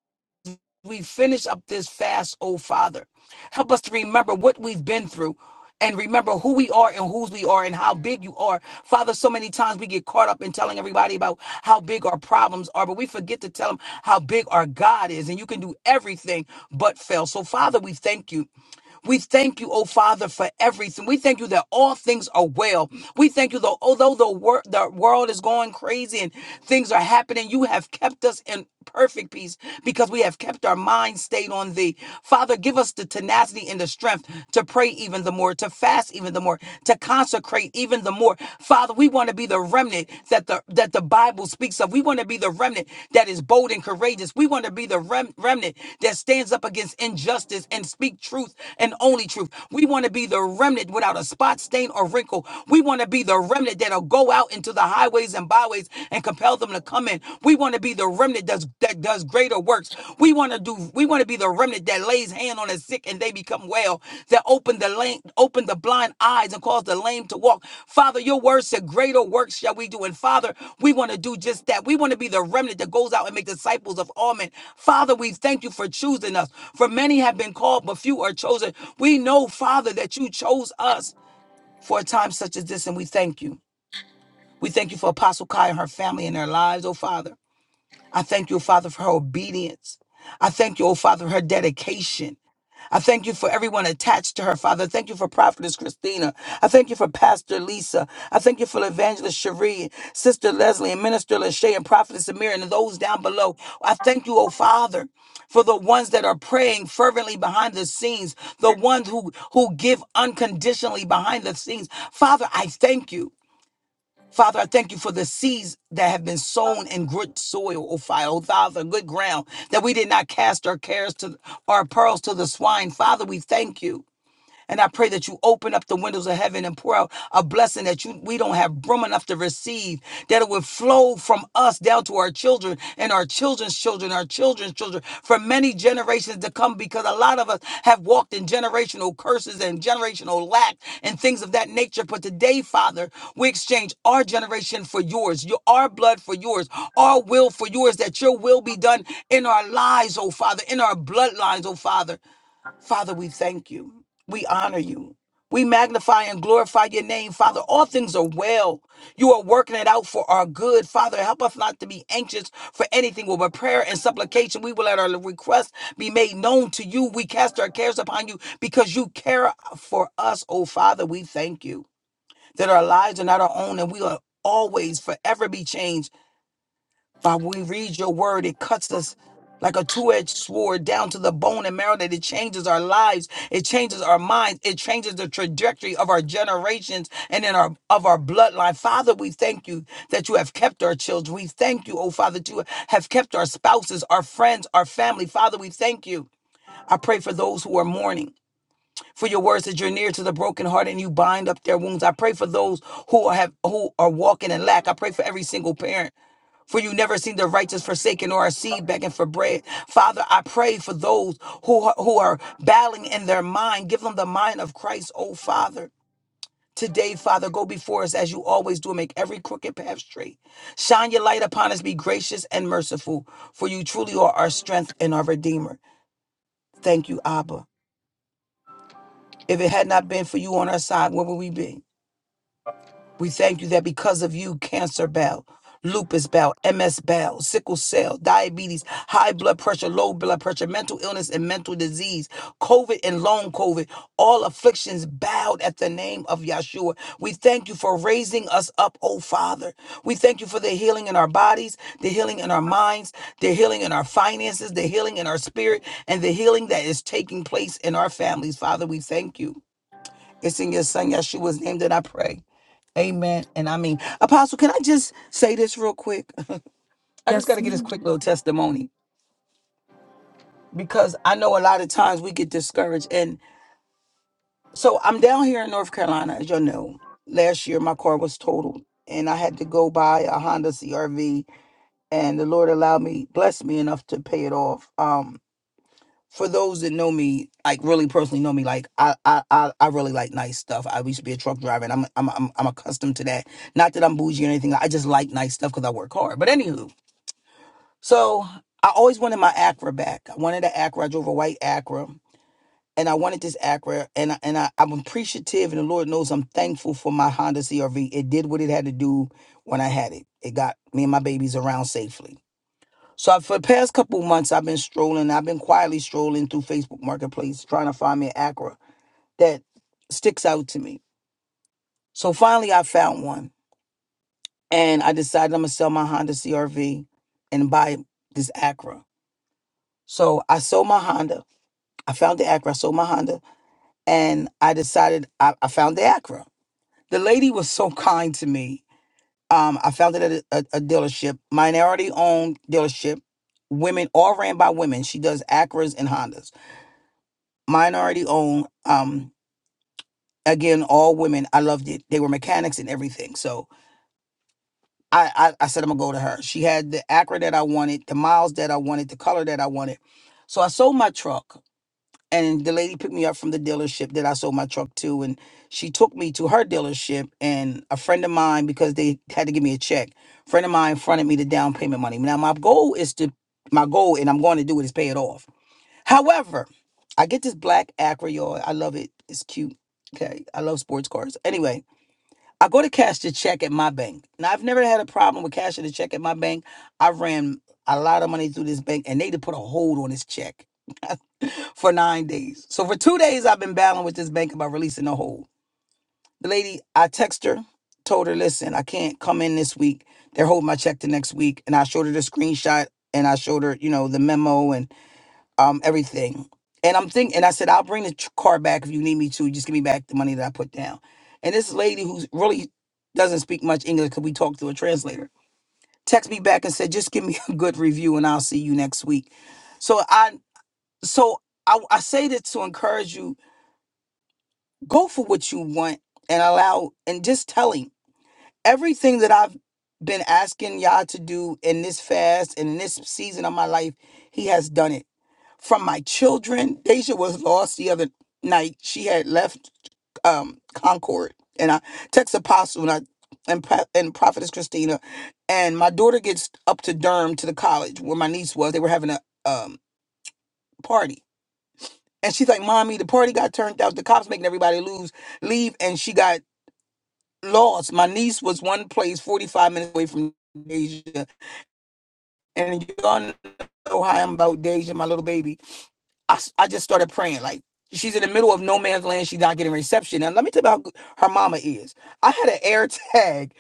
we finish up this fast, oh Father, help us to remember what we've been through. And remember who we are and whose we are and how big you are. Father, so many times we get caught up in telling everybody about how big our problems are, but we forget to tell them how big our God is, and you can do everything but fail. So, Father, we thank you. We thank you, oh Father, for everything. We thank you that all things are well. We thank you, though, although the, wor- the world is going crazy and things are happening, you have kept us in perfect peace because we have kept our minds stayed on thee. Father, give us the tenacity and the strength to pray even the more, to fast even the more even the more, to consecrate even the more. Father, we want to be the remnant that the that the Bible speaks of. We want to be the remnant that is bold and courageous. We want to be the rem- remnant that stands up against injustice and speak truth and only truth. We want to be the remnant without a spot, stain, or wrinkle. We want to be the remnant that'll go out into the highways and byways and compel them to come in. We want to be the remnant that's that does greater works. We want to do we want to be the remnant that lays hand on the sick and they become well, that open the lame, open the blind eyes and cause the lame to walk. Father, your word said greater works shall we do. And Father, we want to do just that. We want to be the remnant that goes out and make disciples of all men. Father, we thank you for choosing us. For many have been called, but few are chosen. We know, Father, that you chose us for a time such as this, and we thank you. We thank you for Apostle Kai and her family and their lives, oh Father. I thank you, Father, for her obedience. I thank you, oh Father, for her dedication. I thank you for everyone attached to her, Father. Thank you for Prophetess Christina. I thank you for Pastor Lisa. I thank you for Evangelist Cherie, Sister Leslie, and Minister Lachey, and Prophetess Amir, and those down below. I thank you, oh Father, for the ones that are praying fervently behind the scenes, the ones who, who give unconditionally behind the scenes. Father, I thank you. Father, I thank you for the seeds that have been sown in good soil, O Father, Father, good ground, that we did not cast our cares to our pearls to the swine. Father, we thank you. And I pray that you open up the windows of heaven and pour out a blessing that you we don't have room enough to receive, that it would flow from us down to our children and our children's children, our children's children, for many generations to come, because a lot of us have walked in generational curses and generational lack and things of that nature. But today, Father, we exchange our generation for yours, your our blood for yours, our will for yours, that your will be done in our lives, oh Father, in our bloodlines, oh Father. Father, we thank you. We honor you. We magnify and glorify your name, Father. All things are well. You are working it out for our good, Father. Help us not to be anxious for anything. With but with prayer and supplication, we will let our requests be made known to you. We cast our cares upon you because you care for us, oh Father. We thank you that our lives are not our own and we are always forever be changed but we read your word, it cuts us like a two edged sword down to the bone and marrow that it changes our lives, it changes our minds, it changes the trajectory of our generations and in our of our bloodline. Father, we thank you that you have kept our children. We thank you, oh Father, that you have kept our spouses, our friends, our family. Father, we thank you. I pray for those who are mourning. For your words that you're near to the broken heart and you bind up their wounds. I pray for those who have who are walking in lack. I pray for every single parent. For you never seen the righteous forsaken or a seed begging for bread. Father, I pray for those who are, who are battling in their mind. Give them the mind of Christ, oh Father. Today, Father, go before us as you always do. and Make every crooked path straight. Shine your light upon us. Be gracious and merciful, for you truly are our strength and our Redeemer. Thank you, Abba. If it had not been for you on our side, where would we be? We thank you that because of you, cancer bell, lupus bell, MS bell, sickle cell, diabetes, high blood pressure, low blood pressure, mental illness and mental disease, COVID and long COVID, all afflictions bowed at the name of Yahshua. We thank you for raising us up, oh Father. We thank you for the healing in our bodies, the healing in our minds, the healing in our finances, the healing in our spirit, and the healing that is taking place in our families. Father, we thank you. It's in your son Yeshua's name that I pray. Amen. And I mean, Apostle, can I just say this real quick? I just got to get this quick little testimony because I know a lot of times we get discouraged. And so I'm down here in North Carolina, as you all know. Last year, my car was totaled and I had to go buy a Honda CRV. And the Lord allowed me, blessed me enough to pay it off. Um, for those that know me, like really personally know me, like I, I, I, I really like nice stuff. I used to be a truck driver, and I'm, I'm, I'm, I'm accustomed to that. Not that I'm bougie or anything. I just like nice stuff because I work hard. But anywho, So I always wanted my Acura back. I wanted an Acura. I drove a white Acura, and I wanted this Acura. And I, and I, I'm appreciative, and the Lord knows I'm thankful for my Honda CRV. It did what it had to do when I had it. It got me and my babies around safely. So I, for the past couple of months, I've been strolling. I've been quietly strolling through Facebook Marketplace trying to find me an Acura that sticks out to me. So finally, I found one, and I decided I'm gonna sell my Honda CRV and buy this Acura. So I sold my Honda. I found the Acura. I sold my Honda, and I decided I, I found the Acura. The lady was so *laughs* kind to me. Um, I found it at a, a, a dealership, minority-owned dealership. Women, all ran by women. She does Acuras and Hondas. Minority-owned. Um, again, all women. I loved it. They were mechanics and everything. So I, I, I said I'm gonna go to her. She had the Acura that I wanted, the miles that I wanted, the color that I wanted. So I sold my truck and the lady picked me up from the dealership that I sold my truck to, and she took me to her dealership. And a friend of mine, because they had to give me a check, friend of mine fronted me the down payment money. Now my goal is to my goal, and I'm going to do it is pay it off. However, I get this black Acura, y'all. I love it. It's cute. Okay, I love sports cars. Anyway, I go to cash the check at my bank. Now I've never had a problem with cashing the check at my bank. I ran a lot of money through this bank, and they to put a hold on this check. *laughs* for nine days. So for two days, I've been battling with this bank about releasing the hold. The lady, I text her, told her, listen, I can't come in this week. They're holding my check the next week. And I showed her the screenshot and I showed her, you know, the memo and um everything. And I'm thinking, and I said, I'll bring the tr- car back if you need me to. Just give me back the money that I put down. And this lady who really doesn't speak much English because we talked through a translator, text me back and said, just give me *laughs* a good review and I'll see you next week. So I, so I, I say that to encourage you go for what you want and allow and just tell him everything that I've been asking y'all to do in this fast and in this season of my life, he has done it. From my children, Deja was lost the other night. She had left um Concord and I text Apostle and I and, Pro- and Prophetess Christina and my daughter gets up to Durham to the college where my niece was. They were having a um party. And she's like, Mommy, the party got turned out. The cops making everybody lose leave and she got lost. My niece was one place 45 minutes away from Deja. And you all know how I'm about Deja, my little baby. I, s- I just started praying. Like, she's in the middle of no man's land. She's not getting reception. And let me tell you about g- her mama is. I had an air tag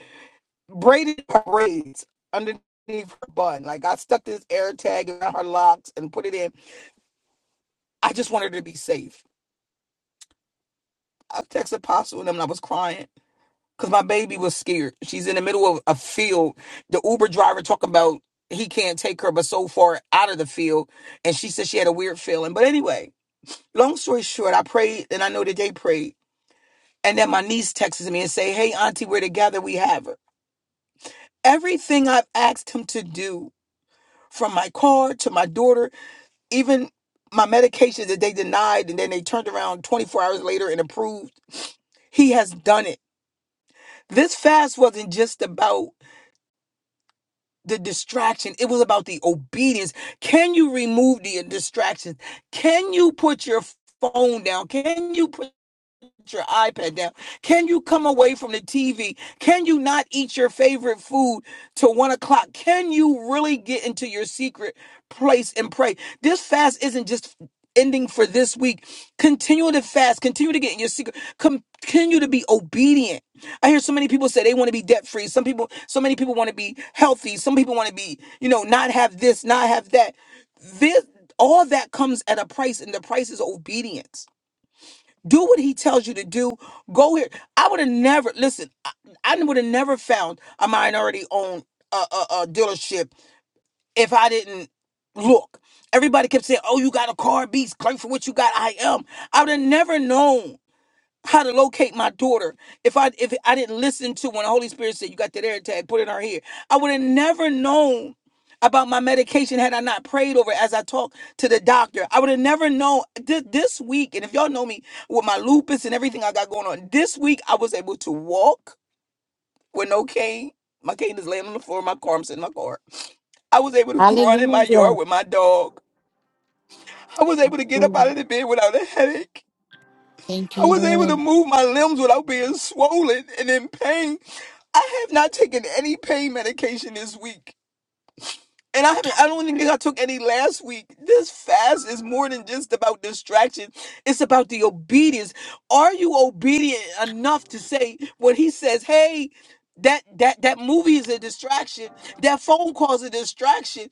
braided her braids underneath her bun. Like, I stuck this air tag around her locks and put it in. I just wanted her to be safe. I texted Apostle and them and I was crying. because my baby was scared. She's in the middle of a field. The Uber driver talking about he can't take her, but so far out of the field, and she said she had a weird feeling. But anyway, long story short, I prayed, and I know that they prayed, and then my niece texts me and say, "Hey, Auntie, we're together. We have her." Everything I've asked him to do, from my car to my daughter, even my medication that they denied and then they turned around 24 hours later and approved, he has done it. This fast wasn't just about the distraction. It was about the obedience. Can you remove the distractions? Can you put your phone down? Can you put your iPad down? Can you come away from the TV? Can you not eat your favorite food till one o'clock? Can you really get into your secret place and pray? This fast isn't just ending for this week. Continue to fast, continue to get in your secret, continue to be obedient. I hear so many people say they want to be debt free. Some people, so many people want to be healthy. Some people want to be, you know, not have this, not have that. This all that comes at a price, and the price is obedience. Do what he tells you to do. Go here. I would have never listen. I, I would have never found a minority-owned uh, uh, uh, dealership if I didn't look. Everybody kept saying, "Oh, you got a car, beast. Claim for what you got." I am. I would have never known how to locate my daughter if I if I didn't listen to when the Holy Spirit said you got that air tag, put it on her hair, I would have never known about my medication had I not prayed over it as I talked to the doctor. I would have never known Th- this week. And if y'all know me with my lupus and everything I got going on, this week I was able to walk with no cane. My cane is laying on the floor of my car. I'm sitting in my car. I was able to *laughs* run in my yard
Hallelujah.
with my dog. I was able to get up
Mm.
out of the bed without a headache.
Thank you,
I was able to
Lord.
move my limbs without being swollen and in pain. I have not taken any pain medication this week. And I haven't I don't even think I took any last week. This fast is more than just about distraction. It's about the obedience. Are you obedient enough to say when he says, hey, that that that movie is a distraction, that phone call is a distraction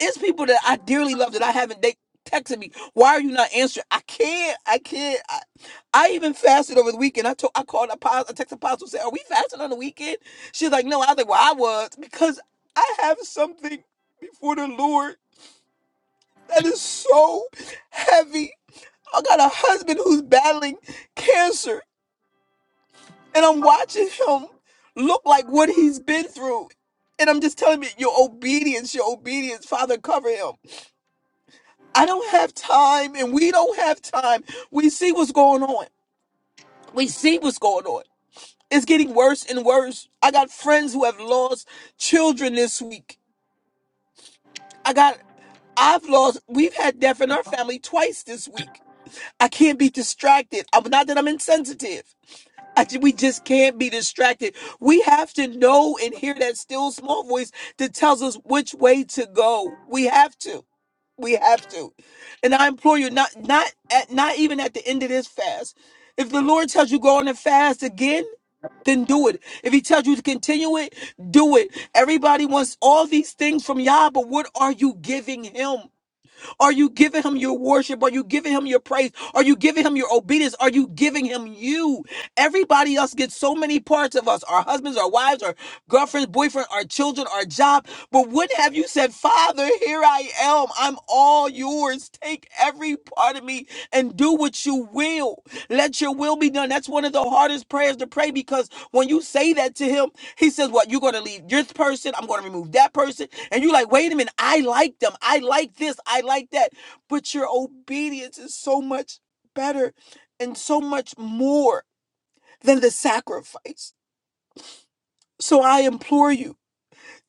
it's people that I dearly love that I haven't they texted me. Why are you not answering? I can't. I can't. I, I even fasted over the weekend. I told I called apostle, I texted apostle said, Are we fasting on the weekend? She's like, No, I was like, Well, I was because I have something before the Lord that is so heavy. I got a husband who's battling cancer and I'm watching him look like what he's been through. And I'm just telling you, your obedience, your obedience, Father, cover him. I don't have time and we don't have time. We see what's going on. We see what's going on. It's getting worse and worse. I got friends who have lost children this week. I got I've lost we've had death in our family twice this week. I can't be distracted. I'm not that I'm insensitive. I ju- we just can't be distracted. We have to know and hear that still small voice that tells us which way to go. We have to. We have to. And I implore you, not not at not even at the end of this fast. If the Lord tells you go on and fast again, then do it. If he tells you to continue it, do it. Everybody wants all these things from Yah, but what are you giving him? Are you giving him your worship? Are you giving him your praise? Are you giving him your obedience? Are you giving him you? Everybody else gets so many parts of us our husbands, our wives, our girlfriends, boyfriend, our children, our job. But what have you said, Father, here I am. I'm all yours. Take every part of me and do what you will. Let your will be done. That's one of the hardest prayers to pray because when you say that to him, he says, What? You're going to leave this person. I'm going to remove that person. And you're like, wait a minute, I like them. I like this. I like that. But your obedience is so much better and so much more than the sacrifice. So I implore you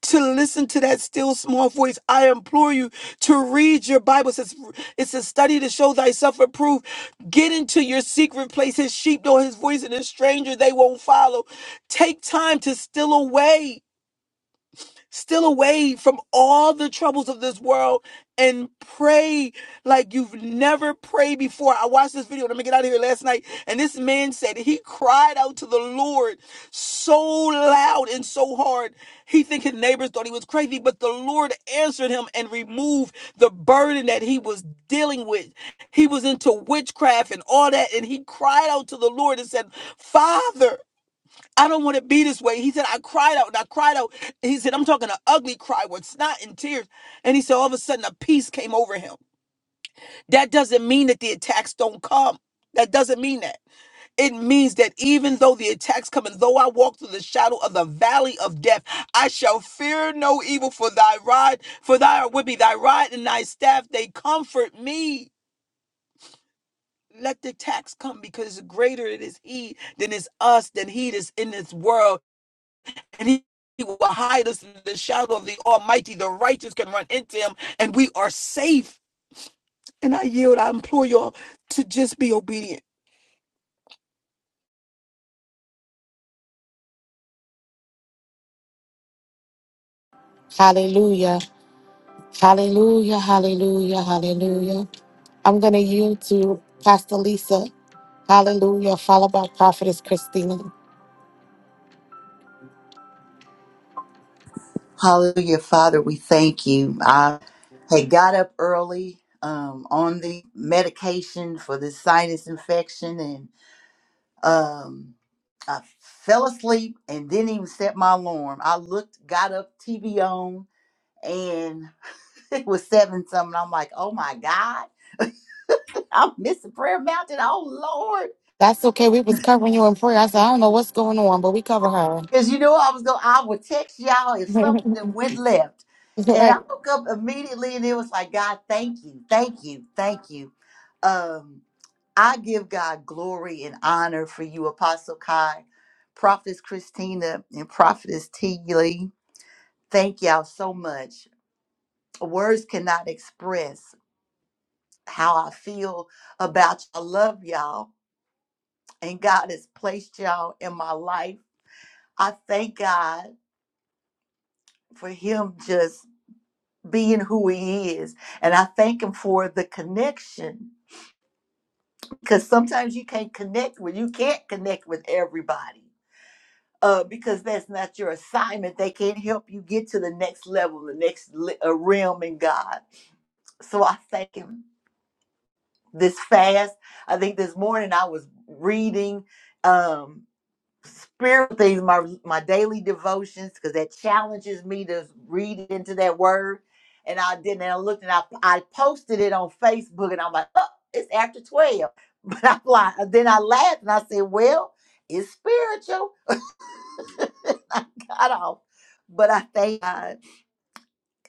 to listen to that still small voice. I implore you to read your Bible. It says it's a study to show thyself approved. Get into your secret place. His sheep know his voice, and a stranger they won't follow. Take time to still away. Still away from all the troubles of this world and pray like you've never prayed before. I watched this video, let me get out of here last night, and this man said he cried out to the Lord so loud and so hard. He think his neighbors thought he was crazy, but the Lord answered him and removed the burden that he was dealing with. He was into witchcraft and all that, and he cried out to the Lord and said, Father. I don't want to be this way. He said, I cried out and I cried out. He said, I'm talking an ugly cry with snot and tears. And he said, all of a sudden, a peace came over him. That doesn't mean that the attacks don't come. That doesn't mean that. It means that even though the attacks come and though I walk through the shadow of the valley of death, I shall fear no evil for thy rod, for thy are with me, thy rod and thy staff, they comfort me. Let the attacks come because greater it is he than is us, than he is in this world. and he will hide us in the shadow of the Almighty. The righteous can run into him, and we are safe. And I yield. I implore y'all to just be obedient.
Hallelujah. Hallelujah. Hallelujah. Hallelujah. I'm going to yield to Pastor Lisa. Hallelujah. Followed by Prophetess Christina.
Hallelujah, Father, we thank you. I had got up early um, on the medication for the sinus infection and um, I fell asleep and didn't even set my alarm. I looked, got up, TV on, and *laughs* it was seven something. I'm like, oh my God, *laughs* I'm missing Prayer Mountain. Oh Lord.
That's okay. We was covering you in prayer. I said, I don't know what's going on, but we cover her.
Cause you know I was gonna I would text y'all if something that went left.
*laughs*
And I
right.
woke up immediately and it was like, God, thank you, thank you, thank you. Um, I give God glory and honor for you, Apostle Kai, Prophetess Christina, and Prophetess T. Lee. Thank y'all so much. Words cannot express how I feel about y'all. I love y'all, and God has placed y'all in my life. I thank God for Him just being who he is. And I thank him for the connection because sometimes you can't connect with, you can't connect with everybody uh, because that's not your assignment. They can't help you get to the next level, the next le- uh, realm in God. So I thank him this fast. I think this morning I was reading. Um, spiritual things, my my daily devotions, because that challenges me to read into that word. And I didn't. And I looked and I I posted it on Facebook, and I'm like, oh, it's after twelve. *laughs* But I'm like, then I laughed and I said, well, it's spiritual. *laughs* I got off, but I thank God.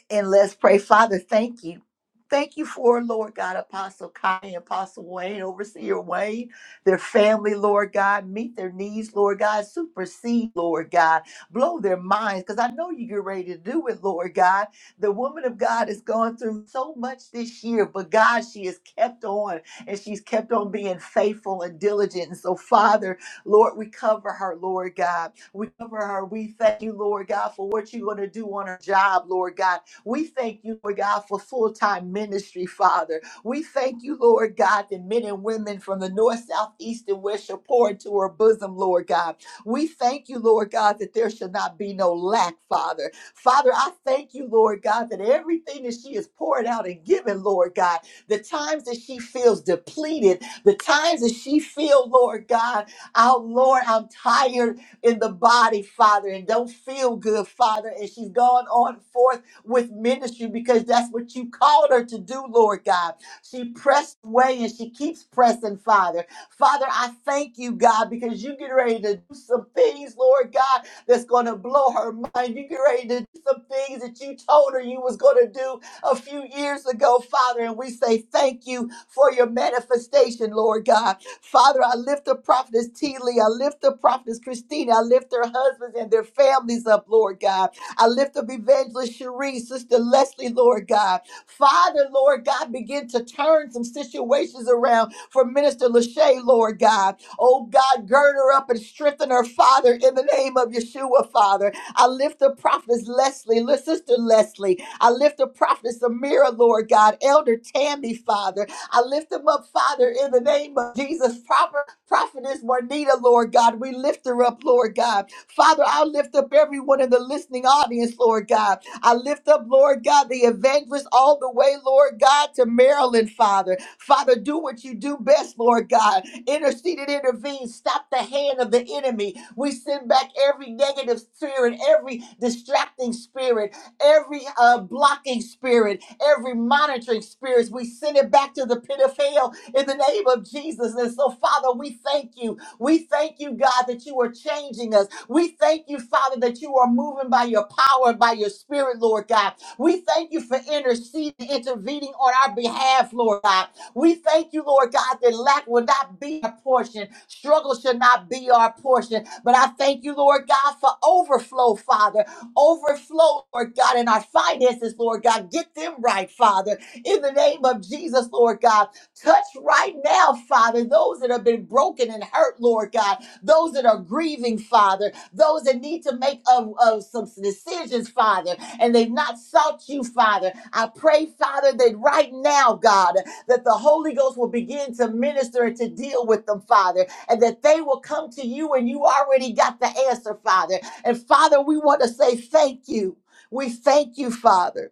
And let's pray. Father, thank you. Thank you for, Lord God, Apostle Kai and Apostle Wayne, Overseer Wayne, their family, Lord God. Meet their needs, Lord God. Supersede, Lord God. Blow their minds, because I know you get ready to do it, Lord God. The woman of God has gone through so much this year, but God, she has kept on and she's kept on being faithful and diligent. And so, Father, Lord, we cover her, Lord God. We cover her. We thank you, Lord God, for what you're going to do on her job, Lord God we thank you, Lord God, for full time ministry, Father. We thank you, Lord God, that men and women from the north, south, east, and west shall pour into her bosom, Lord God. We thank you, Lord God, that there shall not be no lack, Father. Father, I thank you, Lord God, that everything that she is pouring out and giving, Lord God, the times that she feels depleted, the times that she feel, Lord God, oh Lord, I'm tired in the body, Father, and don't feel good, Father, and she's gone on forth with ministry because that's what you called her to do, Lord God. She pressed away and she keeps pressing, Father. Father, I thank you, God, because you get ready to do some things, Lord God, that's going to blow her mind. You get ready to do some things that you told her you was going to do a few years ago, Father. And we say thank you for your manifestation, Lord God. Father, I lift the prophetess T. Lee. I lift the prophetess Christina. I lift their husbands and their families up, Lord God. I lift up Evangelist Cherie, Sister Leslie, Lord God. Father, Lord God, begin to turn some situations around for Minister Lachey, Lord God. Oh God, gird her up and strengthen her, Father, in the name of Yeshua, Father. I lift the prophetess Leslie, li- Sister Leslie. I lift the prophetess Amira, Lord God, Elder Tammy, Father. I lift them up, Father, in the name of Jesus. Proper prophetess Juanita, Lord God. We lift her up, Lord God. Father, I lift up everyone in the listening audience, Lord God. I lift up, Lord God, the evangelist all the way, Lord God, to Maryland, Father. Father, do what you do best, Lord God. Intercede and intervene. Stop the hand of the enemy. We send back every negative spirit, every distracting spirit, every uh, blocking spirit, every monitoring spirit. We send it back to the pit of hell in the name of Jesus. And so, Father, we thank you. We thank you, God, that you are changing us. We thank you, Father, that you are moving by your power and by your spirit, Lord God. We thank you for interceding, intervening on our behalf, Lord God. We thank you, Lord God, that lack will not be our portion. Struggle should not be our portion. But I thank you, Lord God, for overflow, Father. Overflow, Lord God, in our finances, Lord God. Get them right, Father. In the name of Jesus, Lord God. Touch right now, Father, those that have been broken and hurt, Lord God, those that are grieving, Father, those that need to make uh, uh, some decisions, Father, and they've not sought you, Father. I pray, Father, that right now, God, that the Holy Ghost will begin to minister and to deal with them, Father, and that they will come to you and you already got the answer, Father. And Father, we want to say thank you. We thank you, Father.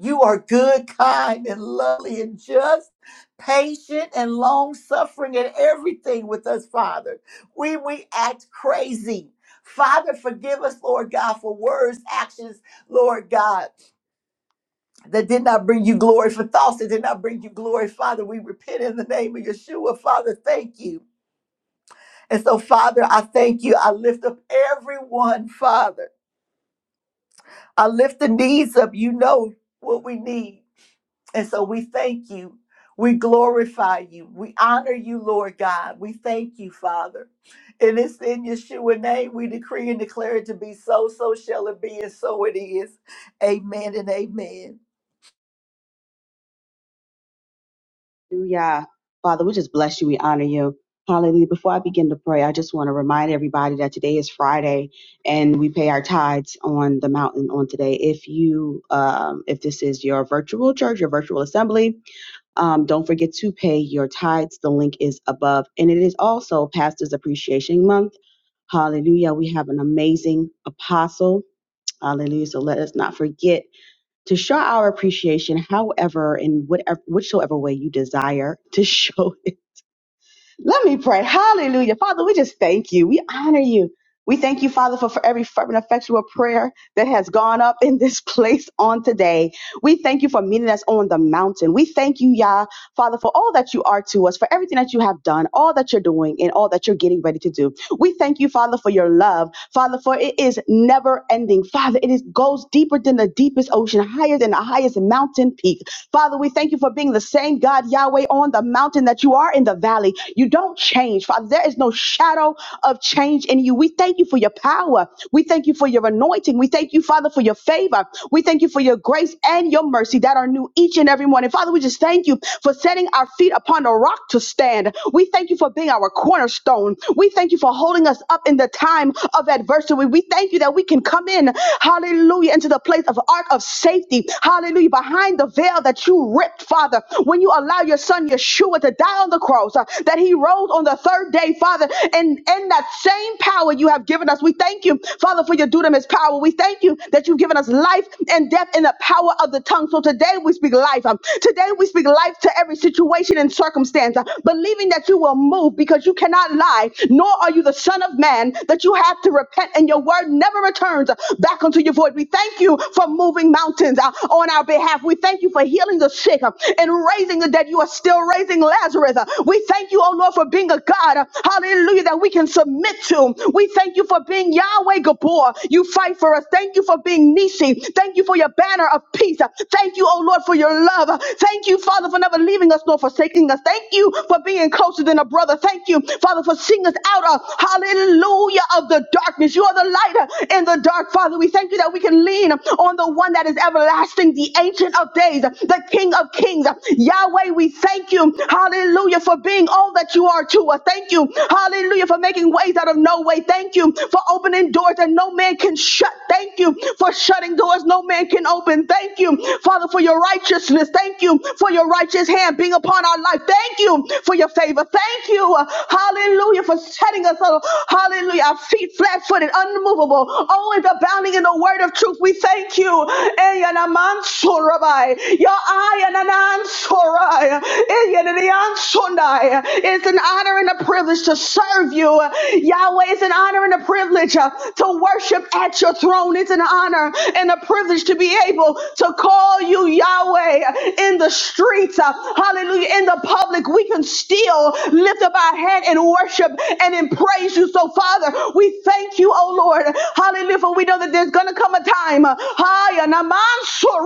You are good, kind, and lovely, and just, patient, and long suffering, in everything with us, Father. We we act crazy. Father, forgive us, Lord God, for words, actions, Lord God, that did not bring you glory, for thoughts that did not bring you glory. Father, we repent in the name of Yeshua. Father, thank you. And so, Father, I thank you. I lift up everyone, Father. I lift the needs up. You know what we need. And so we thank you. We glorify you. We honor you, Lord God. We thank you, Father. And it's in Yeshua name we decree and declare it to be so, so shall it be, and so it is. Amen and amen.
Hallelujah. Father, we just bless you. We honor you. Hallelujah. Before I begin to pray, I just want to remind everybody that today is Friday and we pay our tithes on the mountain on today. If you, um, if this is your virtual church, your virtual assembly, Um, don't forget to pay your tithes. The link is above. And it is also Pastor's Appreciation Month. Hallelujah. We have an amazing apostle. Hallelujah. So let us not forget to show our appreciation, however, in whatever, whichsoever way you desire to *laughs* show let me pray. Hallelujah. Father, we just thank you. We honor you. We thank you, Father, for, for every fervent, effectual prayer that has gone up in this *laughs* place on today. We thank you for meeting us on the mountain. We thank you, Yah, Father, for all that you are to us, for everything that you have done, all that you're doing, and all that you're getting ready to do. We thank you, Father, for your love, Father, for it is never ending. Father, it is, goes deeper than the deepest ocean, higher than the highest mountain peak. Father, we thank you for being the same God, Yahweh, on the mountain that you are in the valley you don't change, Father. There is no shadow of change in you. We thank you for your power. We thank you for your anointing. We thank you, Father, for your favor. We thank you for your grace and your mercy that are new each and every morning. Father, we just thank you for setting our feet upon a rock to stand. We thank you for being our cornerstone. We thank you for holding us up in the time of adversity. We thank you that we can come in, hallelujah, into the place of ark of safety. Hallelujah, behind the veil that you ripped, Father, when you allow your son Yeshua to die on the cross, uh, that he rose on the third day, Father. Father, and in that same power you have given us, we thank you, Father, for your dunamis power. We thank you that you've given us life and death in the power of the tongue. So today we speak life. Um, Today we speak life to every situation and circumstance, uh, believing that you will move because you cannot lie, nor are you the Son of Man that you have to repent, and your word never returns uh, back unto your void. We thank you for moving mountains uh, on our behalf. We thank you for healing the sick uh, and raising the dead. You are still raising Lazarus. Uh, We thank you, oh Lord, for being a the God, hallelujah, that we can submit to. We thank you for being Yahweh Gabor. You fight for us. Thank you for being Nisi. Thank you for your banner of peace. Thank you, oh Lord, for your love. Thank you, Father, for never leaving us nor forsaking us. Thank you for being closer than a brother. Thank you, Father, for seeing us out of, hallelujah, of the darkness. You are the light in the dark, Father. We thank you that we can lean on the one that is everlasting, the ancient of days, the King of kings. Yahweh, we thank you, hallelujah, for being, all all that you are to us. Thank you, hallelujah, for making ways out of no way. Thank you for opening doors that no man can shut. Thank you for shutting doors no man can open. Thank you, Father, for your righteousness. Thank you for your righteous hand being upon our life. Thank you for your favor. Thank you, hallelujah, for setting us, on, hallelujah, our feet flat footed, unmovable, always abounding in the word of truth. We thank you. Eyanamansorabai, Your eye and an answer. Sunday. It's an honor and a privilege to serve you. Yahweh, it's an honor and a privilege uh, to worship at your throne. It's an honor and a privilege to be able to call you Yahweh in the streets. uh, Hallelujah. In the public, we can still lift up our head and worship and in praise you. So, Father, we thank you, oh Lord. Hallelujah. For we know that there's going to come a time. uh, so,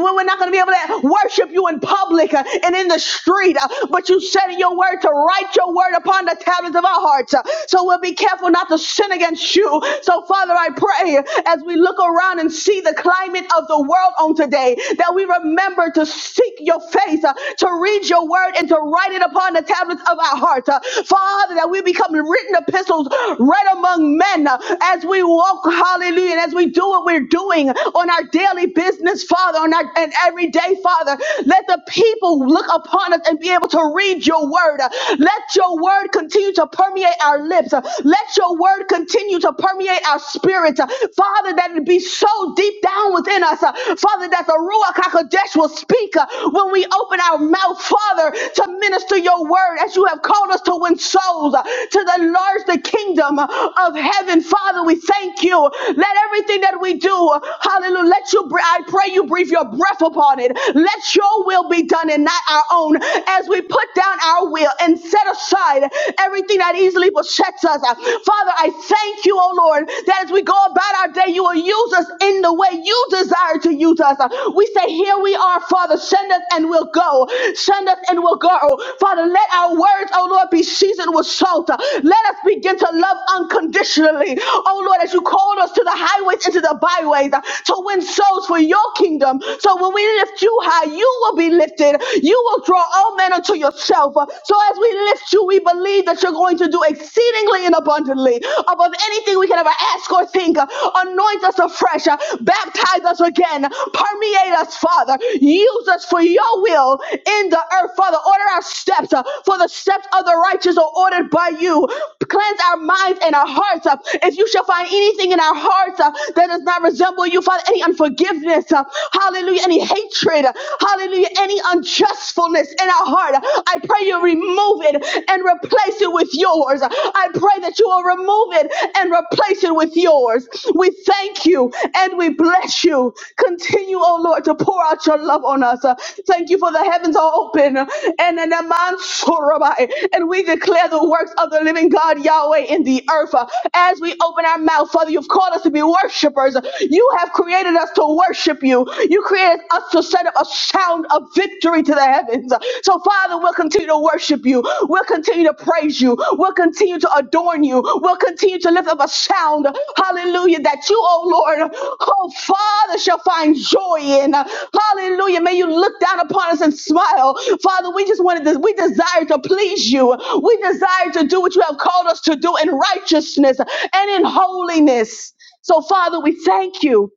when we're not going to be able to worship you in public uh, and in the street. Uh, But you said in your word to write your word upon the tablets of our hearts. Uh, So we'll be careful not to sin against you. So, Father, I pray as we look around and see the climate of the world on today that we remember to seek your face, uh, to read your word, and to write it upon the tablets of our hearts. Uh, Father, that we become written epistles read among men uh, as we walk, hallelujah, and as we do what we're doing on our daily business, Father, on our and everyday, Father. Let the people look upon us and be able to read your word. Uh, Let your word continue to permeate our lips. Uh, Let your word continue to permeate our spirits. Uh, Father, that it be so deep down within us. Uh, Father, that the Ruach HaKodesh will speak uh, when we open our mouth, Father, to minister your word as you have called us to win souls, uh, to enlarge the kingdom uh, of heaven. Father, we thank you. Let everything that we do, uh, hallelujah, let you, I pray you breathe your breath upon it. Let let your will be done and not our own as we put down our will and set aside everything that easily besets us. Father, I thank you, oh Lord, that as we go about our day, you will use us in the way you desire to use us. We say, Here we are, Father, send us and we'll go. Send us and we'll go. Father, let our words, oh Lord, be seasoned with salt. Let us begin to love unconditionally, oh Lord, as you called us to the highways and to the byways to win souls for your kingdom. So when we we lift you high, you will be lifted. You will draw all men unto yourself. So as we lift you, we believe that you're going to do exceedingly and abundantly above anything we can ever ask or think. Anoint us afresh, baptize us again, permeate us, Father. Use us for your will in the earth, Father. Order our steps, uh, for the steps of the righteous are ordered by you. Cleanse our minds and our hearts. uh, If you shall find anything in our hearts uh, that does not resemble you, Father, any unforgiveness, uh, Hallelujah. Any hatred. Hallelujah. Any unjustfulness in our heart. I pray you remove it and replace it with yours. I pray that you will remove it and replace it with yours. We thank you and we bless you. Continue, oh Lord, to pour out your love on us. Thank you for the heavens are open and an aman sorabai. and we declare the works of the living God Yahweh in the earth. As we open our mouth, Father, you've called us to be worshipers. You have created us to to worship you. You created us to set up a sound of victory to the heavens. So, Father, we'll continue to worship you. We'll continue to praise you. We'll continue to adorn you. We'll continue to lift up a sound, hallelujah, that you, oh Lord, oh Father, shall find joy in. Hallelujah. May you look down upon us and smile. Father, we just wanted this. We desire to please you. We desire to do what you have called us to do in righteousness and in holiness. So, Father, we thank you.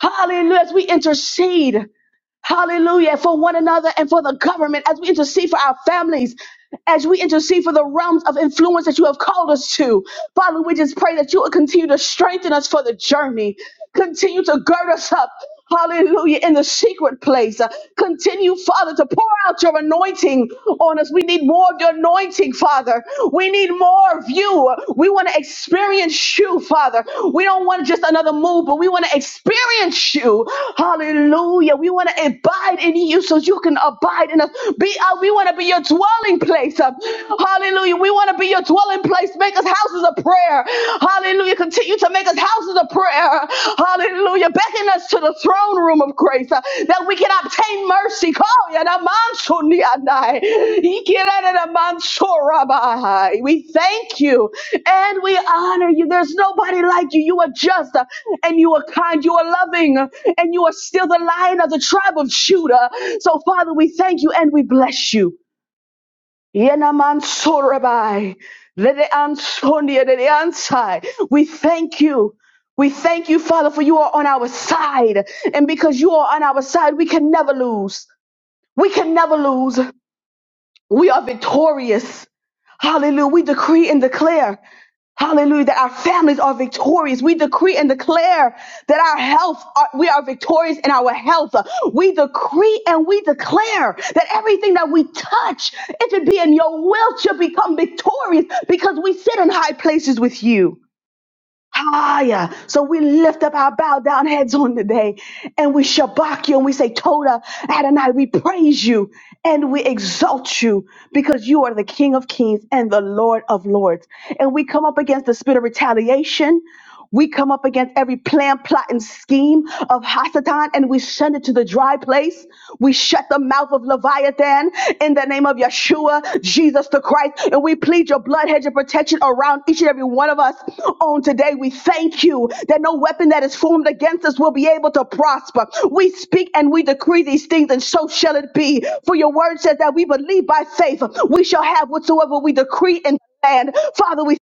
Hallelujah. As we intercede, hallelujah, for one another and for the government, as we intercede for our families, as we intercede for the realms of influence that you have called us to. Father, we just pray that you will continue to strengthen us for the journey, continue to gird us up. Hallelujah, in the secret place. Uh, Continue, Father, to pour out your anointing on us. We need more of your anointing, Father. We need more of you. We want to experience you, Father. We don't want just another move, but we want to experience you. Hallelujah. We want to abide in you so you can abide in us. Be uh, we want to be your dwelling place. Uh, Hallelujah. We want to be your dwelling place. Make us houses of prayer. Hallelujah. Continue to make us houses of prayer. Hallelujah. Hallelujah. Beckon us to the throne room of grace uh, that we can obtain mercy. Call ya na manso ni anai. Ikira na na We thank you and we honor you. There's nobody like you. You are just uh, and you are kind. You are loving uh, and you are still the lion of the tribe of Judah. So, Father, we thank you and we bless you. Yenamansorabai. Ledeansonia, ledeansai. We thank you. We thank you, Father, for you are on our side. And because you are on our side, we can never lose. We can never lose. We are victorious. Hallelujah. We decree and declare. Hallelujah. That our families are victorious. We decree and declare that our health, are, we are victorious in our health. We decree and we declare that everything that we touch, if it be in your will, shall become victorious because we sit in high places with you. Ah, yeah. So we lift up our bow down heads on today and we shabak you and we say, Toda Adonai, we praise you and we exalt you because you are the King of kings and the Lord of lords. And we come up against the spirit of retaliation. We come up against every plan, plot, and scheme of Hasatan and we send it to the dry place. We shut the mouth of Leviathan in the name of Yeshua, Jesus the Christ, and we plead your blood hedge of protection around each and every one of us on today. We thank you that no weapon that is formed against us will be able to prosper. We speak and we decree these things, and so shall it be. For your word says that we believe by faith, we shall have whatsoever we decree in the land. Father, we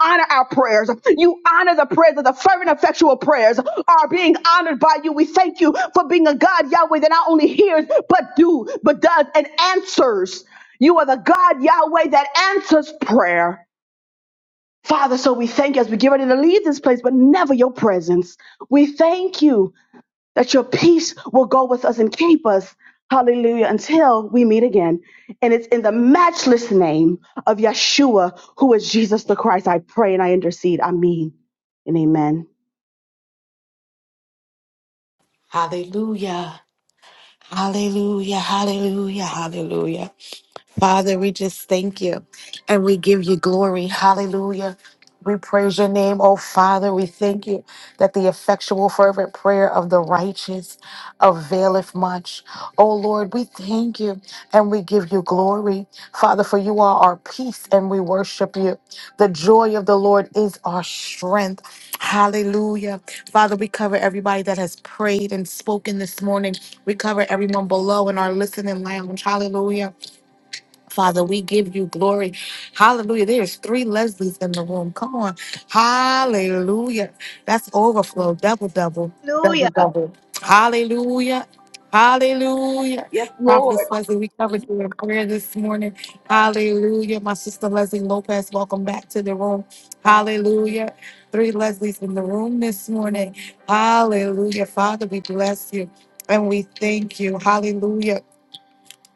honor our prayers. You honor the prayers of the fervent, effectual prayers are being honored by you. We thank you for being a God, Yahweh, that not only hears, but do, but does, and answers. You are the God, Yahweh, that answers prayer. Father, so we thank you as we get ready to leave this place, but never your presence. We thank you that your peace will go with us and keep us. Hallelujah. Until we meet again. And it's in the matchless name of Yeshua, who is Jesus the Christ. I pray and I intercede. I mean, and amen.
Hallelujah. Hallelujah. Hallelujah. Hallelujah. Father, we just thank you and we give you glory. Hallelujah. We praise your name, oh Father. We thank you that the effectual, fervent prayer of the righteous availeth much. Oh Lord, we thank you and we give you glory. Father, for you are our peace and we worship you. The joy of the Lord is our strength. Hallelujah. Father, we cover everybody that has prayed and spoken this morning. We cover everyone below in our listening lounge. Hallelujah. Father, we give you glory. Hallelujah. There's three Leslies in the room. Come on. Hallelujah. That's overflow. Double, double, double,
Hallelujah.
double. Hallelujah. Hallelujah.
Yes, Lord.
Prophetess Leslie, we covered you in prayer this morning. Hallelujah. My sister Leslie Lopez, welcome back to the room. Hallelujah. Three Leslies in the room this morning. Hallelujah. Father, we bless you and we thank you. Hallelujah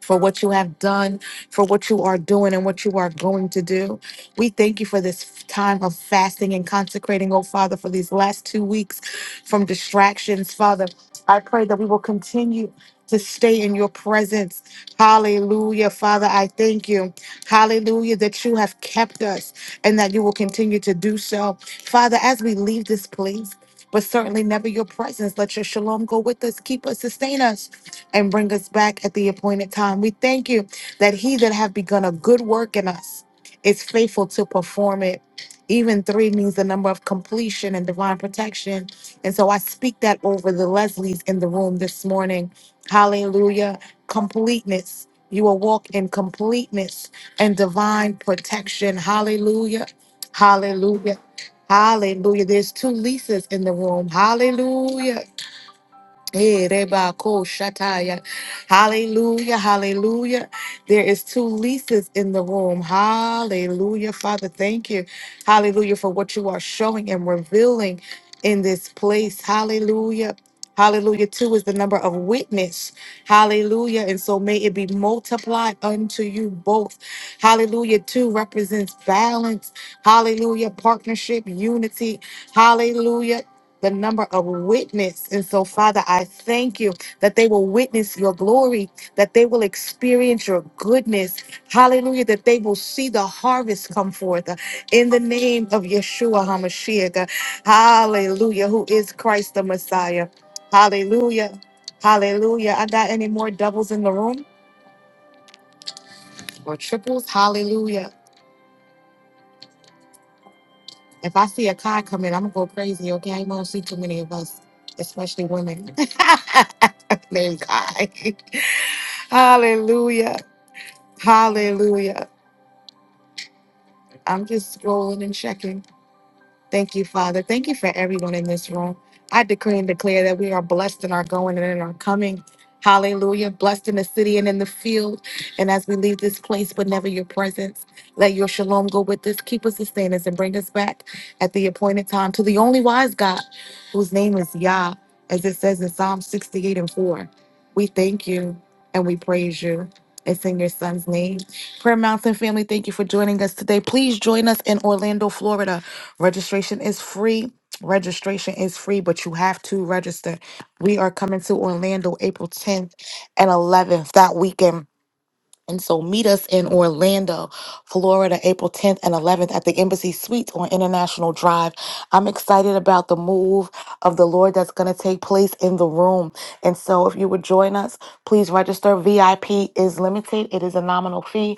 for what you have done, for what you are doing, and what you are going to do. We thank you for this time of fasting and consecrating, oh Father, for these last two weeks from distractions. Father, I pray that we will continue. To stay in your presence. Hallelujah. Father, I thank you. Hallelujah, that you have kept us and that you will continue to do so. Father, as we leave this place, but certainly never your presence, let your shalom go with us, keep us, sustain us and bring us back at the appointed time. We thank you that he that have begun a good work in us is faithful to perform it. Even three means the number of completion and divine protection. And so I speak that over the Leslies in the room this morning. Hallelujah. Completeness. You will walk in completeness and divine protection. Hallelujah. Hallelujah. Hallelujah. There's two Lisas in the room. Hallelujah. Eh, reba, ko, shataya. Hallelujah, hallelujah. There is two Lisa's in the room. Hallelujah. Father, thank you. Hallelujah for what you are showing and revealing in this place. Hallelujah. Hallelujah. Two is the number of witness. Hallelujah. And so may it be multiplied unto you both. Hallelujah. Two represents balance. Hallelujah. Partnership, unity. Hallelujah the number of witness. And so, Father, I thank you that they will witness your glory, that they will experience your goodness. Hallelujah, that they will see the harvest come forth uh, in the name of Yeshua HaMashiach. uh, Hallelujah, who is Christ the Messiah. Hallelujah. Hallelujah. I got any more doubles in the room or triples? Hallelujah. If I see a car coming, I'm gonna go crazy. Okay, I won't see too many of us, especially women. *laughs* Thank God. *laughs* Hallelujah. Hallelujah. I'm just scrolling and checking. Thank you, Father. Thank you for everyone in this room. I decree and declare that we are blessed in our going and in our coming. Hallelujah. Blessed in the city and in the field. And as we leave this place, but never your presence, let your shalom go with us, keep us, sustain us, and bring us back at the appointed time to the only wise God, whose name is Yah, as it says in Psalm 68 and 4. We thank you and we praise you. It's in your son's name. Prayer Mountain family, thank you for joining us today. Please join us in Orlando, Florida Registration is free. Registration is free, but you have to register. We are coming to Orlando April 10th and 11th that weekend and so meet us in Orlando, Florida, April 10th and 11th at the Embassy Suites on International Drive. I'm excited about the move of the Lord that's going to take place in the room. And so if you would join us, please register. VIP is limited, it is a nominal fee.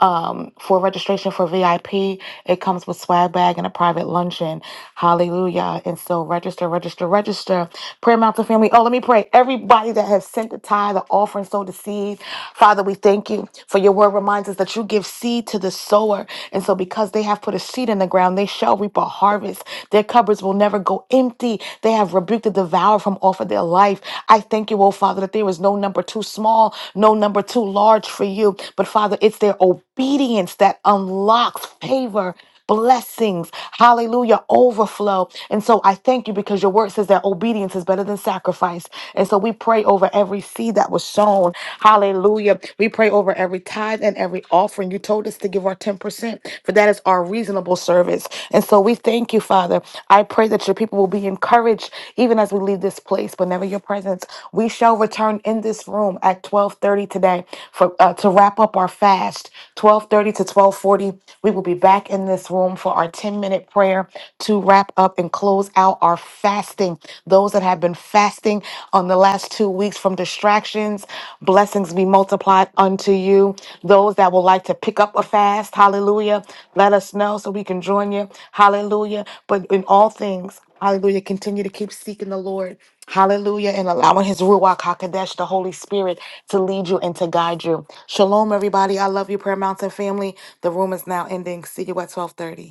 Um, for registration for VIP, it comes with swag bag and a private luncheon. Hallelujah. And so register, register, register. Prayer Mountain family. Oh, let me pray. Everybody that has sent the tithe, the offering, sowed the seed. Father, we thank you Thank you for your word reminds us that you give seed to the sower. And so, because they have put a seed in the ground, they shall reap a harvest. Their cupboards will never go empty. They have rebuked the devourer from off of their life. I thank you, oh Father, that there is no number too small, no number too large for you. But, Father, it's their obedience obedience that unlocks favor, blessings, hallelujah, overflow. And so I thank you because your word says that obedience is better than sacrifice. And so we pray over every seed that was sown, hallelujah. We pray over every tithe and every offering. You told us to give our 10%, for that is our reasonable service. And so we thank you, Father. I pray that your people will be encouraged even as we leave this place, but never your presence. We shall return in this room at 12:30 today for uh, to wrap up our fast. 12:30 to 12:40, we will be back in this room for our 10-minute prayer to wrap up and close out our fasting. Those that have been fasting on the last 2 weeks from distractions, blessings be multiplied unto you. Those that would like to pick up a fast, hallelujah, let us know so we can join you. Hallelujah. But in all things, Hallelujah. Continue to keep seeking the Lord. Hallelujah. And allowing his Ruach HaKodesh, the Holy Spirit, to lead you and to guide you. Shalom, everybody. I love you, Prayer Mountain family. The room is now ending. See you at 1230.